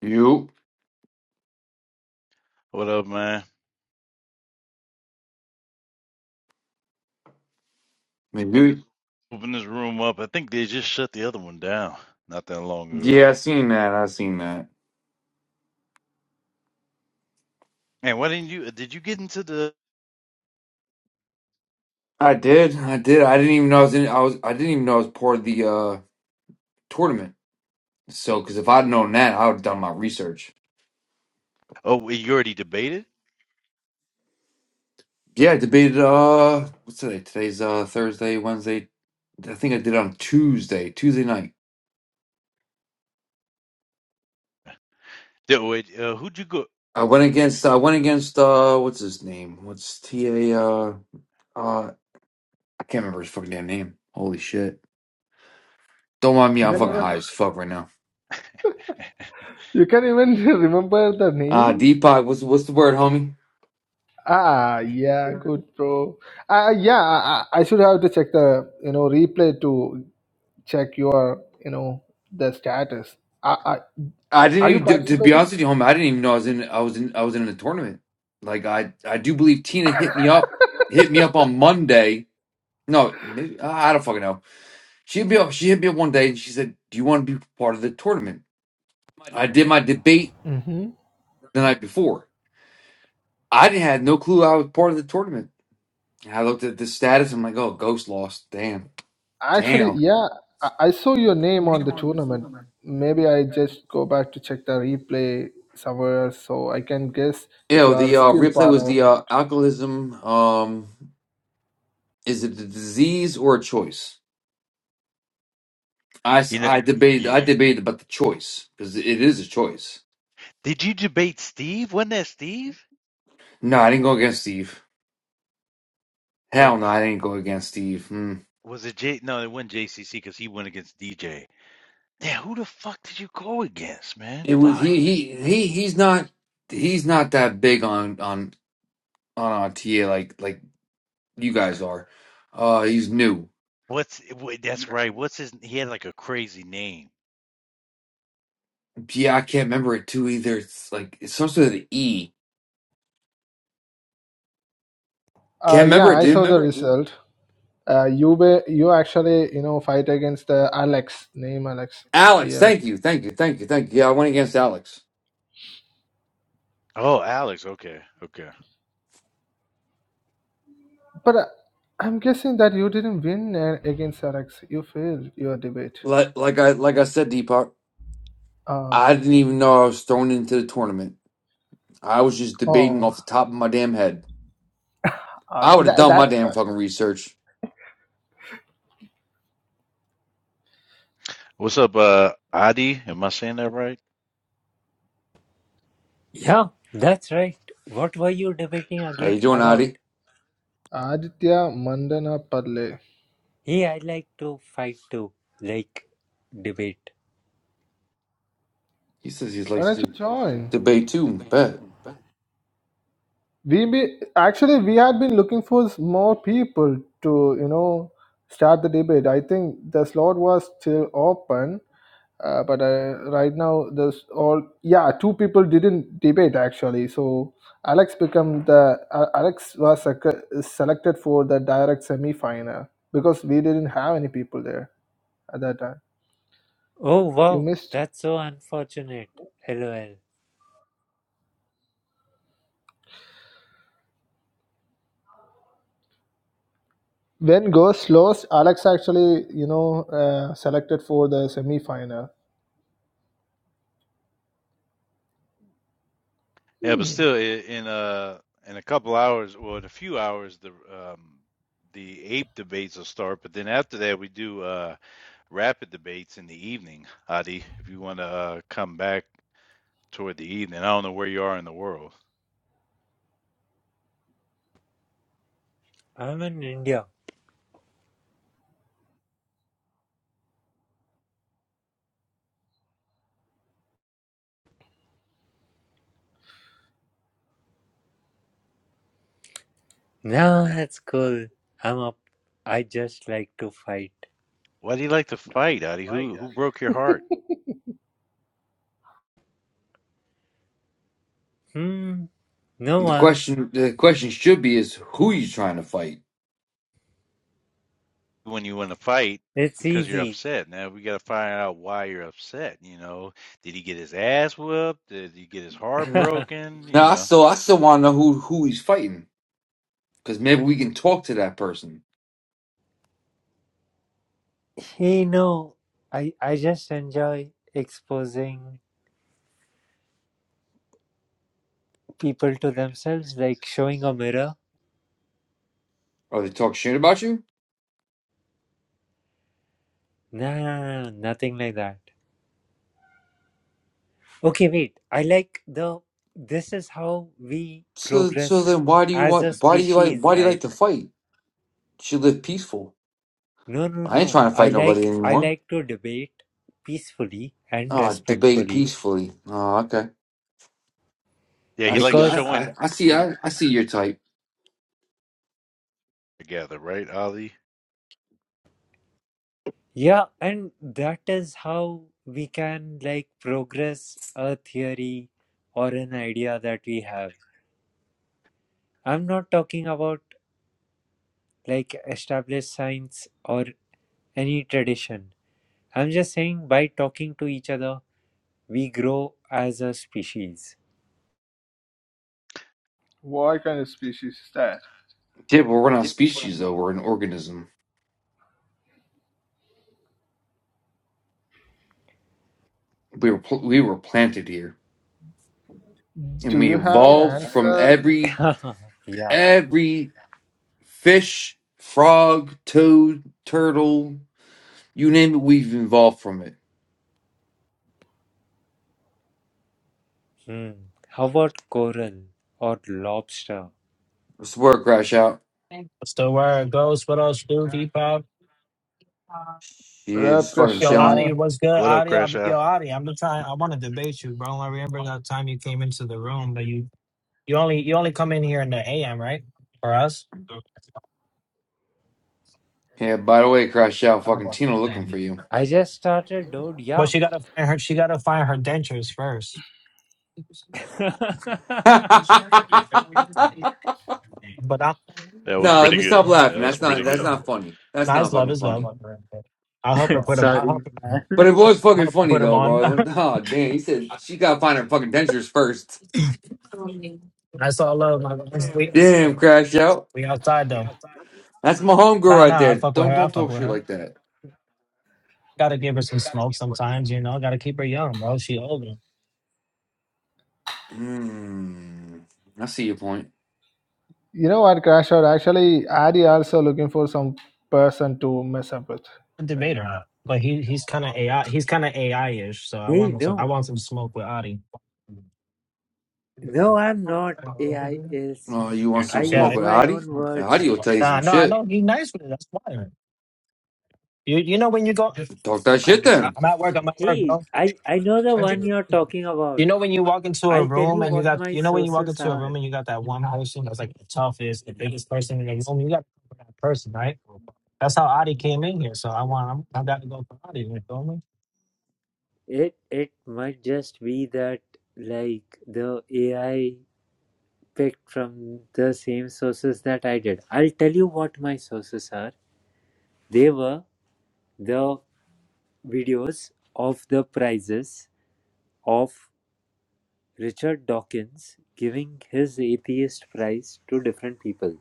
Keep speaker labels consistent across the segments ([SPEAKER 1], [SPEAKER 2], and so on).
[SPEAKER 1] You,
[SPEAKER 2] What up, man?
[SPEAKER 1] you,
[SPEAKER 2] Open this room up. I think they just shut the other one down not that long ago.
[SPEAKER 1] yeah, I seen that. I seen that.
[SPEAKER 2] Man, why didn't you? Did you get into the?
[SPEAKER 1] I did. I did. I didn't even know I was in. I was. I didn't even know I was part of the uh tournament. So, because if I'd known that, I would have done my research.
[SPEAKER 2] Oh, wait, you already debated.
[SPEAKER 1] Yeah, I debated. Uh, what's today? Today's uh Thursday, Wednesday. I think I did on Tuesday, Tuesday night.
[SPEAKER 2] Did, wait, uh, who'd you go?
[SPEAKER 1] I went against. I went against. Uh, what's his name? What's T A? Uh, uh, I can't remember his fucking damn name. Holy shit! Don't mind me.
[SPEAKER 3] You
[SPEAKER 1] I'm
[SPEAKER 3] can No
[SPEAKER 1] fucking
[SPEAKER 3] even
[SPEAKER 1] high
[SPEAKER 3] idea.
[SPEAKER 1] as fuck right now.
[SPEAKER 3] you can even remember the
[SPEAKER 1] Uh,
[SPEAKER 3] name.
[SPEAKER 1] Deepak. What's what's the word, homie?
[SPEAKER 3] Ah, yeah, good bro. Ah, yeah, I, I I should have to check the you know replay to check your you know the status. I, I,
[SPEAKER 1] I didn't
[SPEAKER 3] are you
[SPEAKER 1] even to, to be
[SPEAKER 3] participating?
[SPEAKER 1] honest with you, homie. I didn't even know I was in. I was in. I was in a tournament. Like I, I do believe Tina hit me up, hit me up on Monday. No, maybe, I I don't fucking know. She hit me up. She hit me up one day and she said, "Do you want to be part of the tournament?" I did my debate
[SPEAKER 3] Mm-hmm.
[SPEAKER 1] the night before. I didn't had no clue I was part of the tournament. And I looked at the status. I'm like, "Oh, Ghost lost. Damn,
[SPEAKER 3] Actually,
[SPEAKER 1] damn."
[SPEAKER 3] yeah, I, I saw your name on the tournament. Maybe I just go back to check the replay somewhere so I can guess if
[SPEAKER 1] Ew,
[SPEAKER 3] you are
[SPEAKER 1] the uh,
[SPEAKER 3] still
[SPEAKER 1] replay
[SPEAKER 3] part
[SPEAKER 1] was
[SPEAKER 3] or
[SPEAKER 1] the uh,
[SPEAKER 3] not.
[SPEAKER 1] alcoholism. Um, is it a disease or a choice? I, s-
[SPEAKER 2] you know,
[SPEAKER 1] I debated I
[SPEAKER 2] yeah.
[SPEAKER 1] debated about the choice because it is a choice.
[SPEAKER 2] Did you debate Steve? Wasn't that Steve?
[SPEAKER 1] No, I didn't go against Steve.
[SPEAKER 2] Or
[SPEAKER 1] Hell no, I didn't go against Steve. Hmm.
[SPEAKER 2] was it J? No, it wasn't JCC because he went against DJ. Yeah, who the fuck did you go against, man?
[SPEAKER 1] It was
[SPEAKER 2] Fuck.
[SPEAKER 1] he he he he's not he's not that big on on on TA like like you guys are. Uh, he's new.
[SPEAKER 2] What's wait, that's right. What's his? He had like a crazy name.
[SPEAKER 1] Yeah, I can't remember it too either. It's like it's some sort of the E.
[SPEAKER 3] Uh,
[SPEAKER 1] Can't
[SPEAKER 3] yeah,
[SPEAKER 1] remember it,
[SPEAKER 3] I saw
[SPEAKER 1] dude.
[SPEAKER 3] the result. Uh, you be, you actually you know fight against uh, Alex name Alex
[SPEAKER 1] Alex,
[SPEAKER 3] TLX.
[SPEAKER 1] thank you, thank you, thank you, thank you.
[SPEAKER 3] Yeah.
[SPEAKER 1] Yeah, I went against Alex.
[SPEAKER 2] Oh, Alex. Okay, okay.
[SPEAKER 3] But uh, I'm guessing that you didn't win uh, against Alex. You failed your debate.
[SPEAKER 1] Like like I like I said, Deepak,
[SPEAKER 3] Uh,
[SPEAKER 1] I didn't even know I was thrown into the tournament. I was just debating
[SPEAKER 3] oh,
[SPEAKER 1] off the top of my damn head.
[SPEAKER 3] uh,
[SPEAKER 1] I would have
[SPEAKER 3] tha-
[SPEAKER 1] done my
[SPEAKER 3] that's
[SPEAKER 1] damn
[SPEAKER 3] fine.
[SPEAKER 1] fucking research.
[SPEAKER 2] What's up, uh, Adi? Am I saying that right?
[SPEAKER 4] Yeah, that's right. What were you debating
[SPEAKER 1] How
[SPEAKER 4] again
[SPEAKER 1] you doing,
[SPEAKER 4] about?
[SPEAKER 1] Adi?
[SPEAKER 3] Aditya Mandana Padle.
[SPEAKER 4] Hey, I like to fight too. Like, debate.
[SPEAKER 1] He says he
[SPEAKER 3] Why
[SPEAKER 1] likes
[SPEAKER 3] don't
[SPEAKER 1] to
[SPEAKER 3] you join?
[SPEAKER 1] debate too. Bet.
[SPEAKER 3] we be actually we had been looking for s- more people to you know start the debate i think the slot was still open uh, but uh, right now there's all yeah two people didn't debate actually so alex become the uh, alex was sec- selected for the direct semi-final because we didn't have any people there at that time
[SPEAKER 4] Oh,
[SPEAKER 3] you
[SPEAKER 4] wow.
[SPEAKER 3] missed
[SPEAKER 4] That's so unfortunate. LOL.
[SPEAKER 3] when ghost lost alex actually you know uh, selected for the semi-final
[SPEAKER 2] Yeah, but
[SPEAKER 3] hmm.
[SPEAKER 2] still, i- in a in a couple hours, well, in a few hours, the um, the ape debates will start. But then after that, we do uh, rapid debates in the evening. Adi, if you want to uh, come back toward the evening, I don't know where you are in the world.
[SPEAKER 4] I'm in India. No, that's cool. I'm up. I just like to fight.
[SPEAKER 2] Why do you like to fight, Adi? Who who broke your heart
[SPEAKER 4] Hmm, no
[SPEAKER 1] The
[SPEAKER 4] one.
[SPEAKER 1] question, the question should be is who you trying to fight.
[SPEAKER 2] when you want to fight?
[SPEAKER 4] It's
[SPEAKER 2] Because you're
[SPEAKER 4] easy.
[SPEAKER 2] upset. Now we got to find out why you're upset. You know, did he get his ass whooped? Did he get his heart
[SPEAKER 1] No,
[SPEAKER 2] broken? You
[SPEAKER 1] I
[SPEAKER 2] know.
[SPEAKER 1] still, I still want to know who who he's fighting because maybe we can talk to that person.
[SPEAKER 4] hey, no. I, I just enjoy exposing people to themselves, like showing a mirror.
[SPEAKER 1] Are they talk shit about you?
[SPEAKER 4] No, no, no, no, nothing like that. Okay, wait. I like the this is how we
[SPEAKER 1] So, so
[SPEAKER 4] progress
[SPEAKER 1] then why do you
[SPEAKER 4] as a
[SPEAKER 1] want? Why do you like?
[SPEAKER 4] species,
[SPEAKER 1] Why do you like
[SPEAKER 4] right?
[SPEAKER 1] to fight? should live peaceful.
[SPEAKER 4] No, no,
[SPEAKER 1] I ain't
[SPEAKER 4] no.
[SPEAKER 1] trying to
[SPEAKER 4] I
[SPEAKER 1] fight nobody
[SPEAKER 4] like I
[SPEAKER 1] anymore.
[SPEAKER 4] like to debate peacefully and
[SPEAKER 1] Ah, debate
[SPEAKER 4] respectfully
[SPEAKER 1] peacefully. Oh, okay.
[SPEAKER 2] Yeah,
[SPEAKER 1] I
[SPEAKER 2] he
[SPEAKER 1] see.
[SPEAKER 2] likes
[SPEAKER 1] I,
[SPEAKER 4] because
[SPEAKER 1] I,
[SPEAKER 2] showing
[SPEAKER 1] I see.
[SPEAKER 2] he
[SPEAKER 1] I, I see your type.
[SPEAKER 2] together, right, Adi?
[SPEAKER 4] yeah, and that is how we can like progress a theory or an idea that we have. I'm not talking about like established science or any tradition. I'm just saying by talking to each other We grow as a species.
[SPEAKER 3] What kind of species is that?
[SPEAKER 1] Yeah, but we're not a species though. We're an organism. We were pl- we were planted here, and
[SPEAKER 3] Do
[SPEAKER 1] we
[SPEAKER 3] you have any
[SPEAKER 1] evolved from
[SPEAKER 3] answer,
[SPEAKER 1] every
[SPEAKER 4] yeah.
[SPEAKER 1] every fish, frog, toad, turtle, you name it. We've evolved from it.
[SPEAKER 4] Hmm. How about coral or lobster?
[SPEAKER 1] What's the word, Crash Out?
[SPEAKER 5] That's the word goes. What else, do Depop?
[SPEAKER 1] Yeah,
[SPEAKER 3] Rab
[SPEAKER 1] just fucking
[SPEAKER 5] Yo,
[SPEAKER 1] chilling.
[SPEAKER 5] Adi,
[SPEAKER 3] Krishna?
[SPEAKER 5] what's good,
[SPEAKER 2] What up,
[SPEAKER 5] Adi?
[SPEAKER 2] Crash
[SPEAKER 5] I'm, yo,
[SPEAKER 2] Out?
[SPEAKER 5] Adi, I'm just trying. I want to debate you, bro. I remember that time you came into the room, but you you only you only come in here in the AM, right? For us,
[SPEAKER 1] Yeah. By the way, Crash Out, fucking Tina looking for you.
[SPEAKER 4] I just started, dude.
[SPEAKER 5] but
[SPEAKER 4] Yeah.
[SPEAKER 5] she gotta find her. She gotta find her dentures first.
[SPEAKER 1] no,
[SPEAKER 5] But I,
[SPEAKER 2] That was
[SPEAKER 1] let
[SPEAKER 2] pretty
[SPEAKER 1] me
[SPEAKER 2] good.
[SPEAKER 1] stop
[SPEAKER 2] That
[SPEAKER 1] laughing.
[SPEAKER 2] was
[SPEAKER 1] That's not
[SPEAKER 2] pretty
[SPEAKER 1] that's
[SPEAKER 2] good.
[SPEAKER 1] not funny. That's not
[SPEAKER 5] nice love
[SPEAKER 1] fucking
[SPEAKER 5] is love.
[SPEAKER 1] funny.
[SPEAKER 5] I'll help her put them. I'll
[SPEAKER 4] Sorry,
[SPEAKER 5] help.
[SPEAKER 4] man.
[SPEAKER 1] But it was
[SPEAKER 5] I'll
[SPEAKER 1] fucking
[SPEAKER 5] help her
[SPEAKER 1] funny
[SPEAKER 5] put them
[SPEAKER 1] though,
[SPEAKER 5] on.
[SPEAKER 1] bro. Oh damn, he said she gotta find her fucking dentures first.
[SPEAKER 5] That's all love. My guys. we,
[SPEAKER 1] Damn, crash out.
[SPEAKER 5] we outside though.
[SPEAKER 1] That's my homegirl
[SPEAKER 5] Nah,
[SPEAKER 1] right
[SPEAKER 5] nah. I
[SPEAKER 1] there.
[SPEAKER 5] fuck with
[SPEAKER 1] Don't
[SPEAKER 5] her. I
[SPEAKER 1] don't
[SPEAKER 5] fuck
[SPEAKER 1] talk
[SPEAKER 5] with
[SPEAKER 1] shit
[SPEAKER 5] her.
[SPEAKER 1] like that.
[SPEAKER 5] Gotta give her some smoke sometimes, you know. Gotta keep her young, bro. She old.
[SPEAKER 1] Hmm. I see your point.
[SPEAKER 3] You know what, Crash out. Actually, Adi also looking for some person to mess up with
[SPEAKER 5] a
[SPEAKER 3] right
[SPEAKER 5] debater,
[SPEAKER 3] now.
[SPEAKER 5] huh? but he he's kind of AI. He's kind of AI ish. So I
[SPEAKER 4] Hey,
[SPEAKER 5] want some. I
[SPEAKER 4] no.
[SPEAKER 5] want some smoke with Adi.
[SPEAKER 4] No, I'm not AIist.
[SPEAKER 1] Oh, you want some
[SPEAKER 4] I
[SPEAKER 1] smoke
[SPEAKER 5] Yeah.
[SPEAKER 4] use
[SPEAKER 1] with
[SPEAKER 4] my
[SPEAKER 1] Adi?
[SPEAKER 4] own
[SPEAKER 1] Adi
[SPEAKER 4] words.
[SPEAKER 1] will tell you
[SPEAKER 5] Uh,
[SPEAKER 1] some
[SPEAKER 5] no, I
[SPEAKER 1] shit.
[SPEAKER 5] know he's nice with it. That's why. You you know when you go.
[SPEAKER 1] Talk that
[SPEAKER 5] I'm
[SPEAKER 1] shit then.
[SPEAKER 5] at work. I'm at work,
[SPEAKER 4] Hey,
[SPEAKER 5] bro.
[SPEAKER 4] I, I know the one you're talking
[SPEAKER 5] You
[SPEAKER 4] about.
[SPEAKER 5] know when you walk into a
[SPEAKER 4] I'll tell
[SPEAKER 5] room
[SPEAKER 4] you
[SPEAKER 5] and you
[SPEAKER 4] what
[SPEAKER 5] got.
[SPEAKER 4] my
[SPEAKER 5] You know when you walk
[SPEAKER 4] sources
[SPEAKER 5] into a
[SPEAKER 4] are.
[SPEAKER 5] room and you got that one person that's like the toughest, the biggest person in the room. You got to cover that person, right? That's how Adi came in here. So I want. I'm, I got to go for Adi. You know?
[SPEAKER 4] It it might just be that like the AI picked from the same sources that I did. I'll tell you what my sources are. They were the videos of the prizes of Richard Dawkins giving his atheist prize to different people.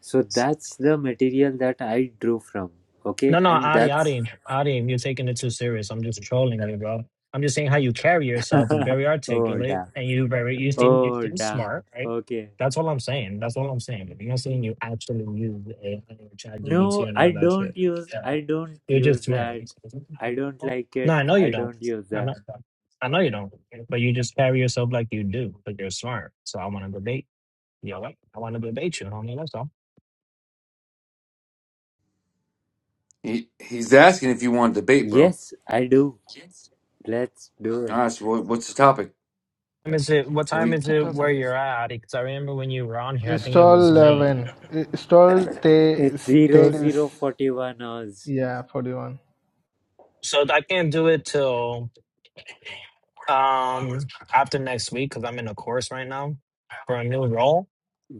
[SPEAKER 4] So that's the material that I drew from. Okay,
[SPEAKER 5] No, no,
[SPEAKER 4] and
[SPEAKER 5] Adi,
[SPEAKER 4] that's
[SPEAKER 5] Adi, Adi, you're taking it too serious. I'm just trolling you, bro. I'm just saying how you carry yourself is very
[SPEAKER 4] oh
[SPEAKER 5] articulate,
[SPEAKER 4] damn,
[SPEAKER 5] and you very you seem you
[SPEAKER 4] oh
[SPEAKER 5] seem
[SPEAKER 4] damn.
[SPEAKER 5] smart, right?
[SPEAKER 4] Okay,
[SPEAKER 5] That's all I'm saying. That's all I'm saying. You're not saying you actually use AI or
[SPEAKER 4] no,
[SPEAKER 5] ChatGPT or none
[SPEAKER 4] I
[SPEAKER 5] of that shit.
[SPEAKER 4] don't use.
[SPEAKER 5] Yeah.
[SPEAKER 4] I don't
[SPEAKER 5] You're just
[SPEAKER 4] use
[SPEAKER 5] smart.
[SPEAKER 4] that. I don't like
[SPEAKER 5] No,
[SPEAKER 4] it.
[SPEAKER 5] I know you
[SPEAKER 4] I
[SPEAKER 5] don't.
[SPEAKER 4] don't use
[SPEAKER 5] I
[SPEAKER 4] that.
[SPEAKER 5] know, I know you don't. But you just carry yourself like you do, but you're smart. So I want to debate. You know what? I want to debate you, homie. That's all.
[SPEAKER 1] He, he's asking if you want to debate, bro.
[SPEAKER 4] Yes, I do. Let's do
[SPEAKER 1] All
[SPEAKER 4] it.
[SPEAKER 1] right. So what, what's the topic?
[SPEAKER 5] time is it? What
[SPEAKER 1] Can
[SPEAKER 5] time
[SPEAKER 1] we?
[SPEAKER 5] is it where you're at? Because I remember when you were on here, I think it
[SPEAKER 3] Install
[SPEAKER 5] was late.
[SPEAKER 3] 11. Install te-
[SPEAKER 4] It's zero
[SPEAKER 3] status.
[SPEAKER 4] zero forty one hours.
[SPEAKER 3] Yeah, 41.
[SPEAKER 5] So I can't do it till um after next week because I'm in a course right now for a new role.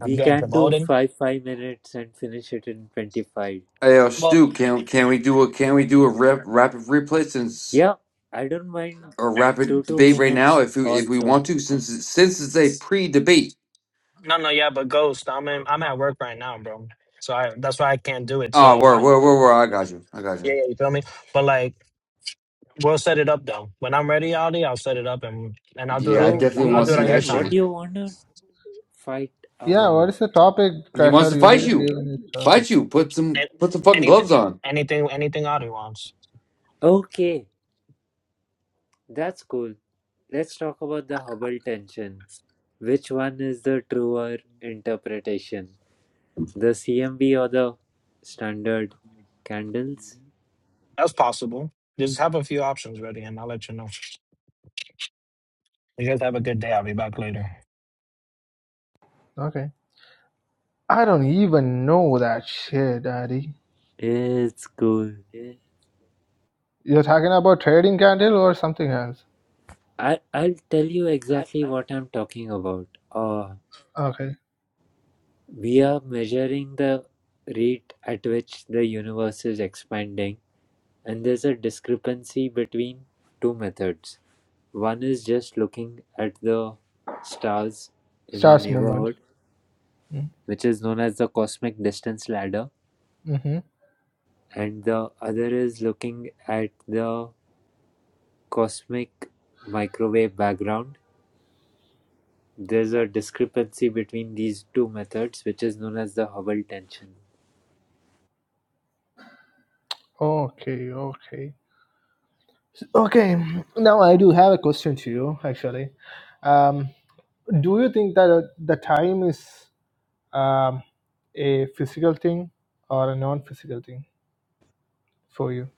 [SPEAKER 5] I'm getting
[SPEAKER 4] can do
[SPEAKER 5] promoted.
[SPEAKER 4] five five minutes and finish it in twenty five.
[SPEAKER 1] Hey, uh,
[SPEAKER 5] Well,
[SPEAKER 1] Stu, can can we do a can we do a rap, rapid replay since
[SPEAKER 4] Yeah, I don't mind
[SPEAKER 1] or
[SPEAKER 4] two
[SPEAKER 1] rapid
[SPEAKER 4] two
[SPEAKER 1] debate right now
[SPEAKER 4] minutes
[SPEAKER 1] if we if we want
[SPEAKER 4] also.
[SPEAKER 1] to since it's- since it's a pre debate.
[SPEAKER 5] no, no, yeah, but Ghost, I'm in, I'm at work right now, bro. So I, that's why I can't do it
[SPEAKER 1] Oh,
[SPEAKER 5] till
[SPEAKER 1] where
[SPEAKER 5] my,
[SPEAKER 1] where where where I
[SPEAKER 5] yeah,
[SPEAKER 1] got you. I got
[SPEAKER 5] yeah,
[SPEAKER 1] you.
[SPEAKER 5] yeah, you feel me? But like, we'll set it up though. When I'm ready, Aldi, I'll set it up and and I'll do it
[SPEAKER 1] Yeah, I
[SPEAKER 5] on
[SPEAKER 4] Oh
[SPEAKER 5] your,
[SPEAKER 1] definitely
[SPEAKER 5] I'll
[SPEAKER 1] want
[SPEAKER 4] great
[SPEAKER 1] to
[SPEAKER 5] do it
[SPEAKER 3] hmm
[SPEAKER 1] see
[SPEAKER 5] on
[SPEAKER 1] that
[SPEAKER 5] your
[SPEAKER 4] man, what
[SPEAKER 1] shit.
[SPEAKER 5] time.
[SPEAKER 4] do you wanna fight
[SPEAKER 3] Yeah,
[SPEAKER 4] about?
[SPEAKER 3] what is the topic,
[SPEAKER 1] and he
[SPEAKER 3] Crash
[SPEAKER 1] wants
[SPEAKER 3] out?
[SPEAKER 1] to
[SPEAKER 3] You
[SPEAKER 1] fight
[SPEAKER 3] didn't
[SPEAKER 1] you.
[SPEAKER 3] give any topic.
[SPEAKER 1] Fight you. Put some
[SPEAKER 5] And
[SPEAKER 1] put some fucking
[SPEAKER 5] anything,
[SPEAKER 1] gloves on.
[SPEAKER 5] anything, anything Aldi wants.
[SPEAKER 4] Okay, that's cool. Let's talk about the Hubble tension. Which one is the truer interpretation? The CMB or the standard candles?
[SPEAKER 5] That's possible. Just have a few options ready and I'll let you know. You guys have a good day. I'll be back later.
[SPEAKER 3] Okay. I don't even know that shit, Adi.
[SPEAKER 4] It's cool.
[SPEAKER 3] You're talking about trading candle or something else?
[SPEAKER 4] I, I'll tell you exactly what I'm talking about. Uh,
[SPEAKER 3] Okay.
[SPEAKER 4] we are measuring the rate at which the universe is expanding, and there's a discrepancy between two methods. One is just looking at the stars in our
[SPEAKER 3] Stars movement.
[SPEAKER 4] neighborhood, which is known as the cosmic distance ladder,
[SPEAKER 3] Mm-hmm.
[SPEAKER 4] and the other is looking at the cosmic microwave background, There is a discrepancy between these two methods which is known as the Hubble tension.
[SPEAKER 3] Okay, okay. Okay, now I do have a question to you actually. Um, do you think that uh, the time is um, a physical thing or a non physical thing for you?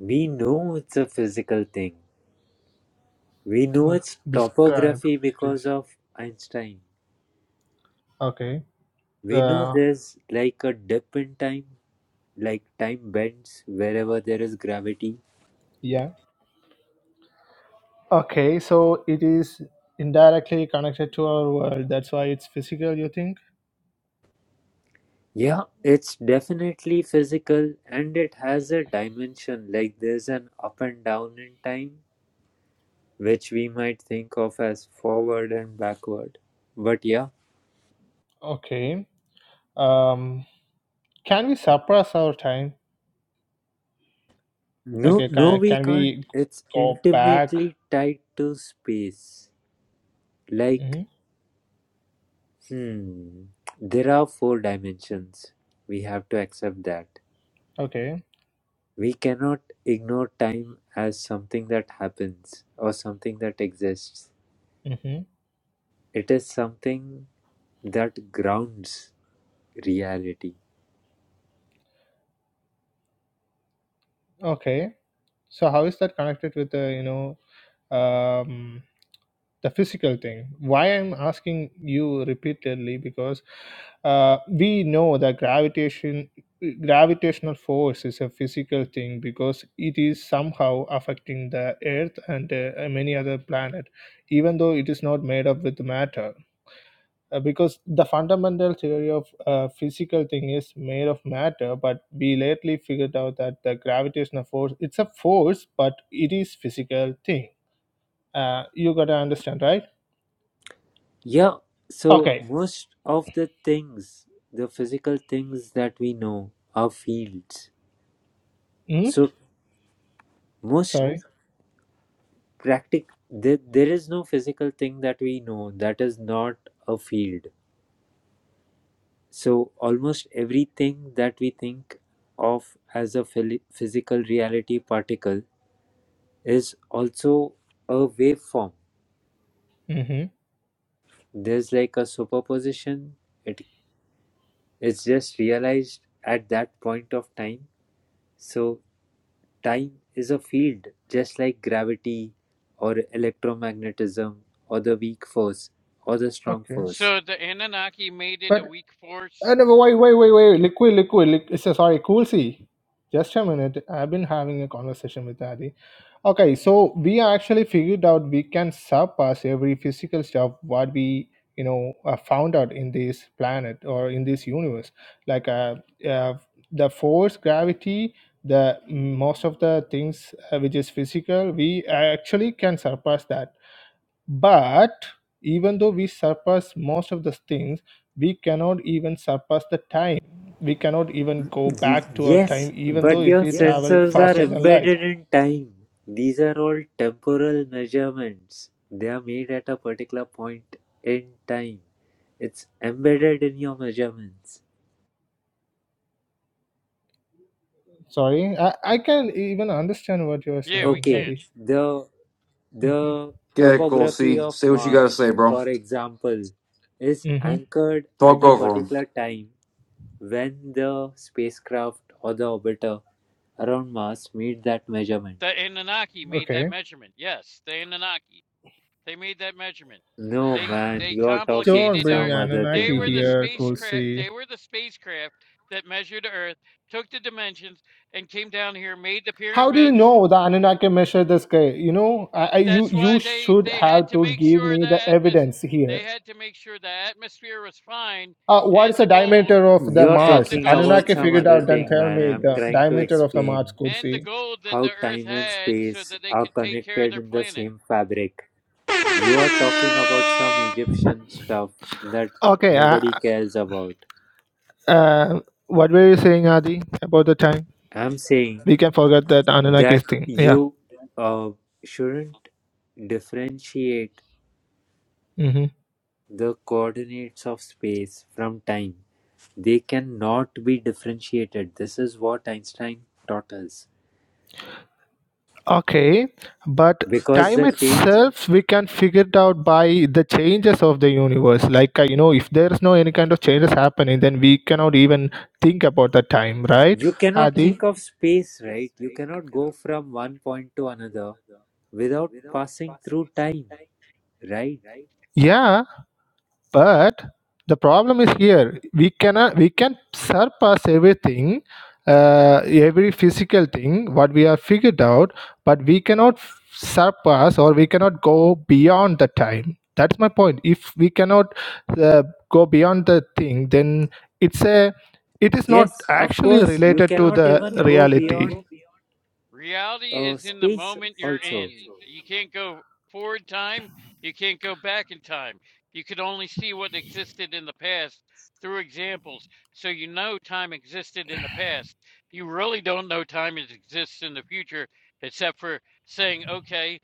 [SPEAKER 4] We know it's a physical thing. We know
[SPEAKER 3] Uh,
[SPEAKER 4] it's
[SPEAKER 3] Describe,
[SPEAKER 4] topography because
[SPEAKER 3] please.
[SPEAKER 4] of Einstein.
[SPEAKER 3] Okay.
[SPEAKER 4] We know
[SPEAKER 3] Uh,
[SPEAKER 4] there's like a dip in time, like time bends wherever there is gravity.
[SPEAKER 3] yeah. Okay, so it is indirectly connected to our world. That's why it's physical, you think?
[SPEAKER 4] Yeah, it's definitely physical and it has a dimension, like there's an up and down in time, which we might think of as forward and backward. But yeah,
[SPEAKER 3] Okay. Um, can we suppress our time?
[SPEAKER 4] No,
[SPEAKER 3] Okay,
[SPEAKER 4] no,
[SPEAKER 3] can,
[SPEAKER 4] we
[SPEAKER 3] can
[SPEAKER 4] can't.
[SPEAKER 3] we
[SPEAKER 4] It's
[SPEAKER 3] go back?
[SPEAKER 4] intimately tied to space.
[SPEAKER 3] hmm
[SPEAKER 4] Like, hmm, there are four dimensions. We have to accept that.
[SPEAKER 3] Okay.
[SPEAKER 4] We cannot ignore time as something that happens or something that exists.
[SPEAKER 3] hmm
[SPEAKER 4] It is something that grounds reality.
[SPEAKER 3] Okay. So how is that connected with the you know um, the physical thing? Why I'm asking you repeatedly because uh, we know that gravitation gravitational force is a physical thing because it is somehow affecting the Earth and uh, many other planet, even though it is not made up with matter Uh, because the fundamental theory of uh, physical thing is made of matter but we lately figured out that the gravitational force it's a force but it is physical thing uh, you gotta understand right
[SPEAKER 4] Yeah, so
[SPEAKER 3] okay
[SPEAKER 4] most of the things, the physical things that we know, are fields.
[SPEAKER 3] hmm
[SPEAKER 4] So, most
[SPEAKER 3] sorry
[SPEAKER 4] practic there, there is no physical thing that we know that is not a field so almost everything that we think of as a phili- physical reality particle is also a waveform
[SPEAKER 3] hmm
[SPEAKER 4] there's like a superposition it it's just realized at that point of time so time is a field just like gravity or electromagnetism or the weak force or the strong
[SPEAKER 3] okay
[SPEAKER 4] force
[SPEAKER 6] So the Anunnaki made it a
[SPEAKER 3] but
[SPEAKER 6] weak force?
[SPEAKER 3] uh, no, wait wait wait wait liquid liquid liquid sorry cool see just a minute i've been having a conversation with Adi Okay, so we actually figured out we can surpass every physical stuff what we you know uh, found out in this planet or in this universe, like uh, uh, the force, gravity, the mm, most of the things uh, which is physical, we actually can surpass that. But even though we surpass most of the things, we cannot even surpass the time. We cannot even go
[SPEAKER 4] Y-
[SPEAKER 3] back to our
[SPEAKER 4] Yes,
[SPEAKER 3] time, even though
[SPEAKER 4] but
[SPEAKER 3] if
[SPEAKER 4] your
[SPEAKER 3] we travel
[SPEAKER 4] sensors are
[SPEAKER 3] faster than light.
[SPEAKER 4] embedded in time. These are all temporal measurements. They are made at a particular point in time. It's embedded in your measurements.
[SPEAKER 3] Sorry, I, I can even understand what you're
[SPEAKER 6] Yeah, we
[SPEAKER 3] saying,
[SPEAKER 4] Okay,
[SPEAKER 6] can.
[SPEAKER 3] Adi.
[SPEAKER 4] the
[SPEAKER 3] Mm-hmm.
[SPEAKER 4] the
[SPEAKER 1] Okay, cool.
[SPEAKER 4] topography
[SPEAKER 1] See,
[SPEAKER 4] of
[SPEAKER 1] say what you gotta
[SPEAKER 4] Mars,
[SPEAKER 1] say, bro.
[SPEAKER 4] for example, is
[SPEAKER 3] Mm-hmm.
[SPEAKER 4] anchored at
[SPEAKER 1] Talk
[SPEAKER 4] a
[SPEAKER 1] over him.
[SPEAKER 4] particular time when the spacecraft or the orbiter around Mars meet that measurement.
[SPEAKER 6] The Anunnaki made that
[SPEAKER 3] Okay.
[SPEAKER 6] measurement. Yes, the Anunnaki. They made that measurement.
[SPEAKER 4] No,
[SPEAKER 6] They
[SPEAKER 4] man,
[SPEAKER 6] they
[SPEAKER 4] you're talking
[SPEAKER 3] Don't
[SPEAKER 6] complicated
[SPEAKER 3] bring
[SPEAKER 6] our
[SPEAKER 4] some other
[SPEAKER 6] they
[SPEAKER 4] thing
[SPEAKER 3] Anunnaki
[SPEAKER 6] were the
[SPEAKER 4] only.
[SPEAKER 3] here,
[SPEAKER 6] spacecraft
[SPEAKER 3] Kosi.
[SPEAKER 6] they were the spacecraft that measured Earth, took the dimensions, and came down here, made the
[SPEAKER 3] How do you
[SPEAKER 6] pyramids.
[SPEAKER 3] know the Anunnaki measure the sky? You know, I, I,
[SPEAKER 6] And
[SPEAKER 3] you
[SPEAKER 6] that's why
[SPEAKER 3] you
[SPEAKER 6] they
[SPEAKER 3] should
[SPEAKER 6] they had
[SPEAKER 3] have
[SPEAKER 6] to
[SPEAKER 3] to
[SPEAKER 6] make
[SPEAKER 3] give
[SPEAKER 6] sure
[SPEAKER 3] me
[SPEAKER 6] the
[SPEAKER 3] the
[SPEAKER 6] atmos
[SPEAKER 3] evidence
[SPEAKER 6] they
[SPEAKER 3] here.
[SPEAKER 6] had to make sure the atmosphere was fine
[SPEAKER 3] Uh, what is
[SPEAKER 6] and
[SPEAKER 3] the
[SPEAKER 6] the gold
[SPEAKER 3] diameter of the
[SPEAKER 4] You're
[SPEAKER 6] and
[SPEAKER 3] Mars?
[SPEAKER 6] the
[SPEAKER 4] talking about
[SPEAKER 3] Anunnaki
[SPEAKER 6] gold.
[SPEAKER 4] some
[SPEAKER 3] figured
[SPEAKER 4] other
[SPEAKER 3] out. Then
[SPEAKER 4] thing,
[SPEAKER 3] tell
[SPEAKER 4] man.
[SPEAKER 3] me
[SPEAKER 4] I'm
[SPEAKER 3] the
[SPEAKER 4] trying to
[SPEAKER 3] diameter of the Mars,
[SPEAKER 4] explain
[SPEAKER 6] and the
[SPEAKER 3] Kosi.
[SPEAKER 6] gold that the
[SPEAKER 4] how
[SPEAKER 6] earth
[SPEAKER 4] time and
[SPEAKER 6] had so
[SPEAKER 4] space
[SPEAKER 6] that they
[SPEAKER 4] are
[SPEAKER 6] could take care of
[SPEAKER 4] connected
[SPEAKER 6] their
[SPEAKER 4] in the
[SPEAKER 6] planet.
[SPEAKER 4] same fabric. You are talking about some Egyptian stuff that
[SPEAKER 3] Okay. Uh,
[SPEAKER 4] nobody cares about.
[SPEAKER 3] uh, what were you saying, Adi, about the time?
[SPEAKER 4] I'm saying
[SPEAKER 3] We can forget that Anunnaki
[SPEAKER 4] that
[SPEAKER 3] thing. Yeah.
[SPEAKER 4] you uh, shouldn't differentiate
[SPEAKER 3] hmm
[SPEAKER 4] the coordinates of space from time. They cannot be differentiated. This is what Einstein taught us.
[SPEAKER 3] Okay, but
[SPEAKER 4] Because
[SPEAKER 3] time
[SPEAKER 4] the terms,
[SPEAKER 3] itself we can figure it out by the changes of the universe. Like uh, you know, if there is no any kind of changes happening, then we cannot even think about the time, right,
[SPEAKER 4] you cannot
[SPEAKER 3] Adi?
[SPEAKER 4] think of space, right? You cannot go from one point to another without passing through time, right?
[SPEAKER 3] Yeah, but the problem is here we cannot we can surpass everything uh, every physical thing what we have figured out but we cannot f- surpass or we cannot go beyond the time that's my point if we cannot uh, go beyond the thing then it's a it is not
[SPEAKER 4] Yes, of
[SPEAKER 3] actually
[SPEAKER 4] course, you
[SPEAKER 3] related to
[SPEAKER 4] cannot
[SPEAKER 3] the
[SPEAKER 4] even go
[SPEAKER 3] reality
[SPEAKER 4] beyond
[SPEAKER 6] Reality
[SPEAKER 4] uh,
[SPEAKER 6] is in the
[SPEAKER 4] space
[SPEAKER 6] moment you're
[SPEAKER 4] also.
[SPEAKER 6] in. You can't go forward time, you can't go back in time. You could only see what existed in the past through examples. So you know time existed in the past. You really don't know time exists in the future except for saying, okay,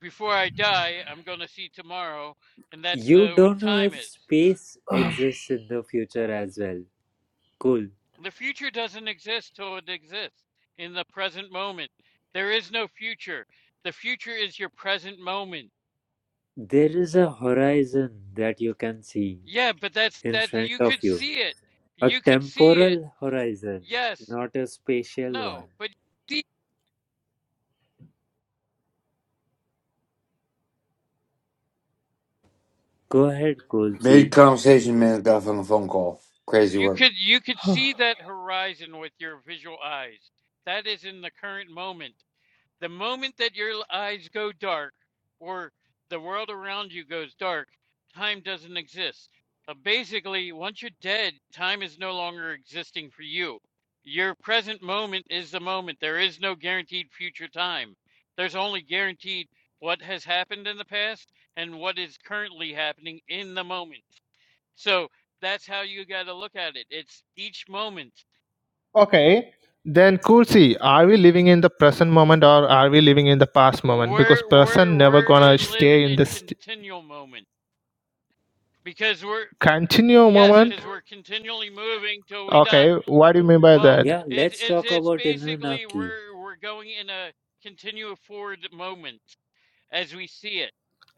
[SPEAKER 6] before I die, I'm going to see tomorrow. And that's
[SPEAKER 4] You
[SPEAKER 6] the, what
[SPEAKER 4] don't know
[SPEAKER 6] time
[SPEAKER 4] if
[SPEAKER 6] is.
[SPEAKER 4] space exists in the future as well. Cool.
[SPEAKER 6] The future doesn't exist till it exists in the present moment. There is no future. The future is your present moment.
[SPEAKER 4] There is a horizon that you can see
[SPEAKER 6] Yeah, but that's
[SPEAKER 4] in
[SPEAKER 6] that
[SPEAKER 4] front
[SPEAKER 6] you
[SPEAKER 4] of
[SPEAKER 6] could
[SPEAKER 4] you.
[SPEAKER 6] see it.
[SPEAKER 4] A
[SPEAKER 6] You could see it.
[SPEAKER 4] temporal horizon,
[SPEAKER 6] Yes.
[SPEAKER 4] not a spatial one.
[SPEAKER 6] No, but see,
[SPEAKER 4] Go ahead,
[SPEAKER 1] Mid
[SPEAKER 4] Kolzi.
[SPEAKER 1] conversation, man. Got a the phone call. Crazy
[SPEAKER 6] you
[SPEAKER 1] work.
[SPEAKER 6] could you could see that horizon with your visual eyes. That is in the current moment. The moment that your eyes go dark or the world around you goes dark, time doesn't exist. Uh, basically, once you're dead, time is no longer existing for you. Your present moment is the moment. There is no guaranteed future time. There's only guaranteed what has happened in the past and what is currently happening in the moment. So that's how you got to look at it. It's each moment.
[SPEAKER 3] Okay, then cool. See, are we living in the present moment or are we living in the past moment? Because
[SPEAKER 6] We're
[SPEAKER 3] present
[SPEAKER 6] we're
[SPEAKER 3] never
[SPEAKER 6] we're
[SPEAKER 3] gonna
[SPEAKER 6] living
[SPEAKER 3] stay in
[SPEAKER 6] in
[SPEAKER 3] this
[SPEAKER 6] continual moment. because we're
[SPEAKER 3] continuum
[SPEAKER 6] yes
[SPEAKER 3] moment.
[SPEAKER 6] because we're continually moving till we die
[SPEAKER 3] Okay, what do you mean by
[SPEAKER 6] well
[SPEAKER 3] that?
[SPEAKER 4] Yeah,
[SPEAKER 6] it's
[SPEAKER 4] let's
[SPEAKER 6] it's
[SPEAKER 4] talk
[SPEAKER 6] it's
[SPEAKER 4] about
[SPEAKER 6] basically
[SPEAKER 4] Anunnaki.
[SPEAKER 6] we're we're going in a continue forward moment as we see it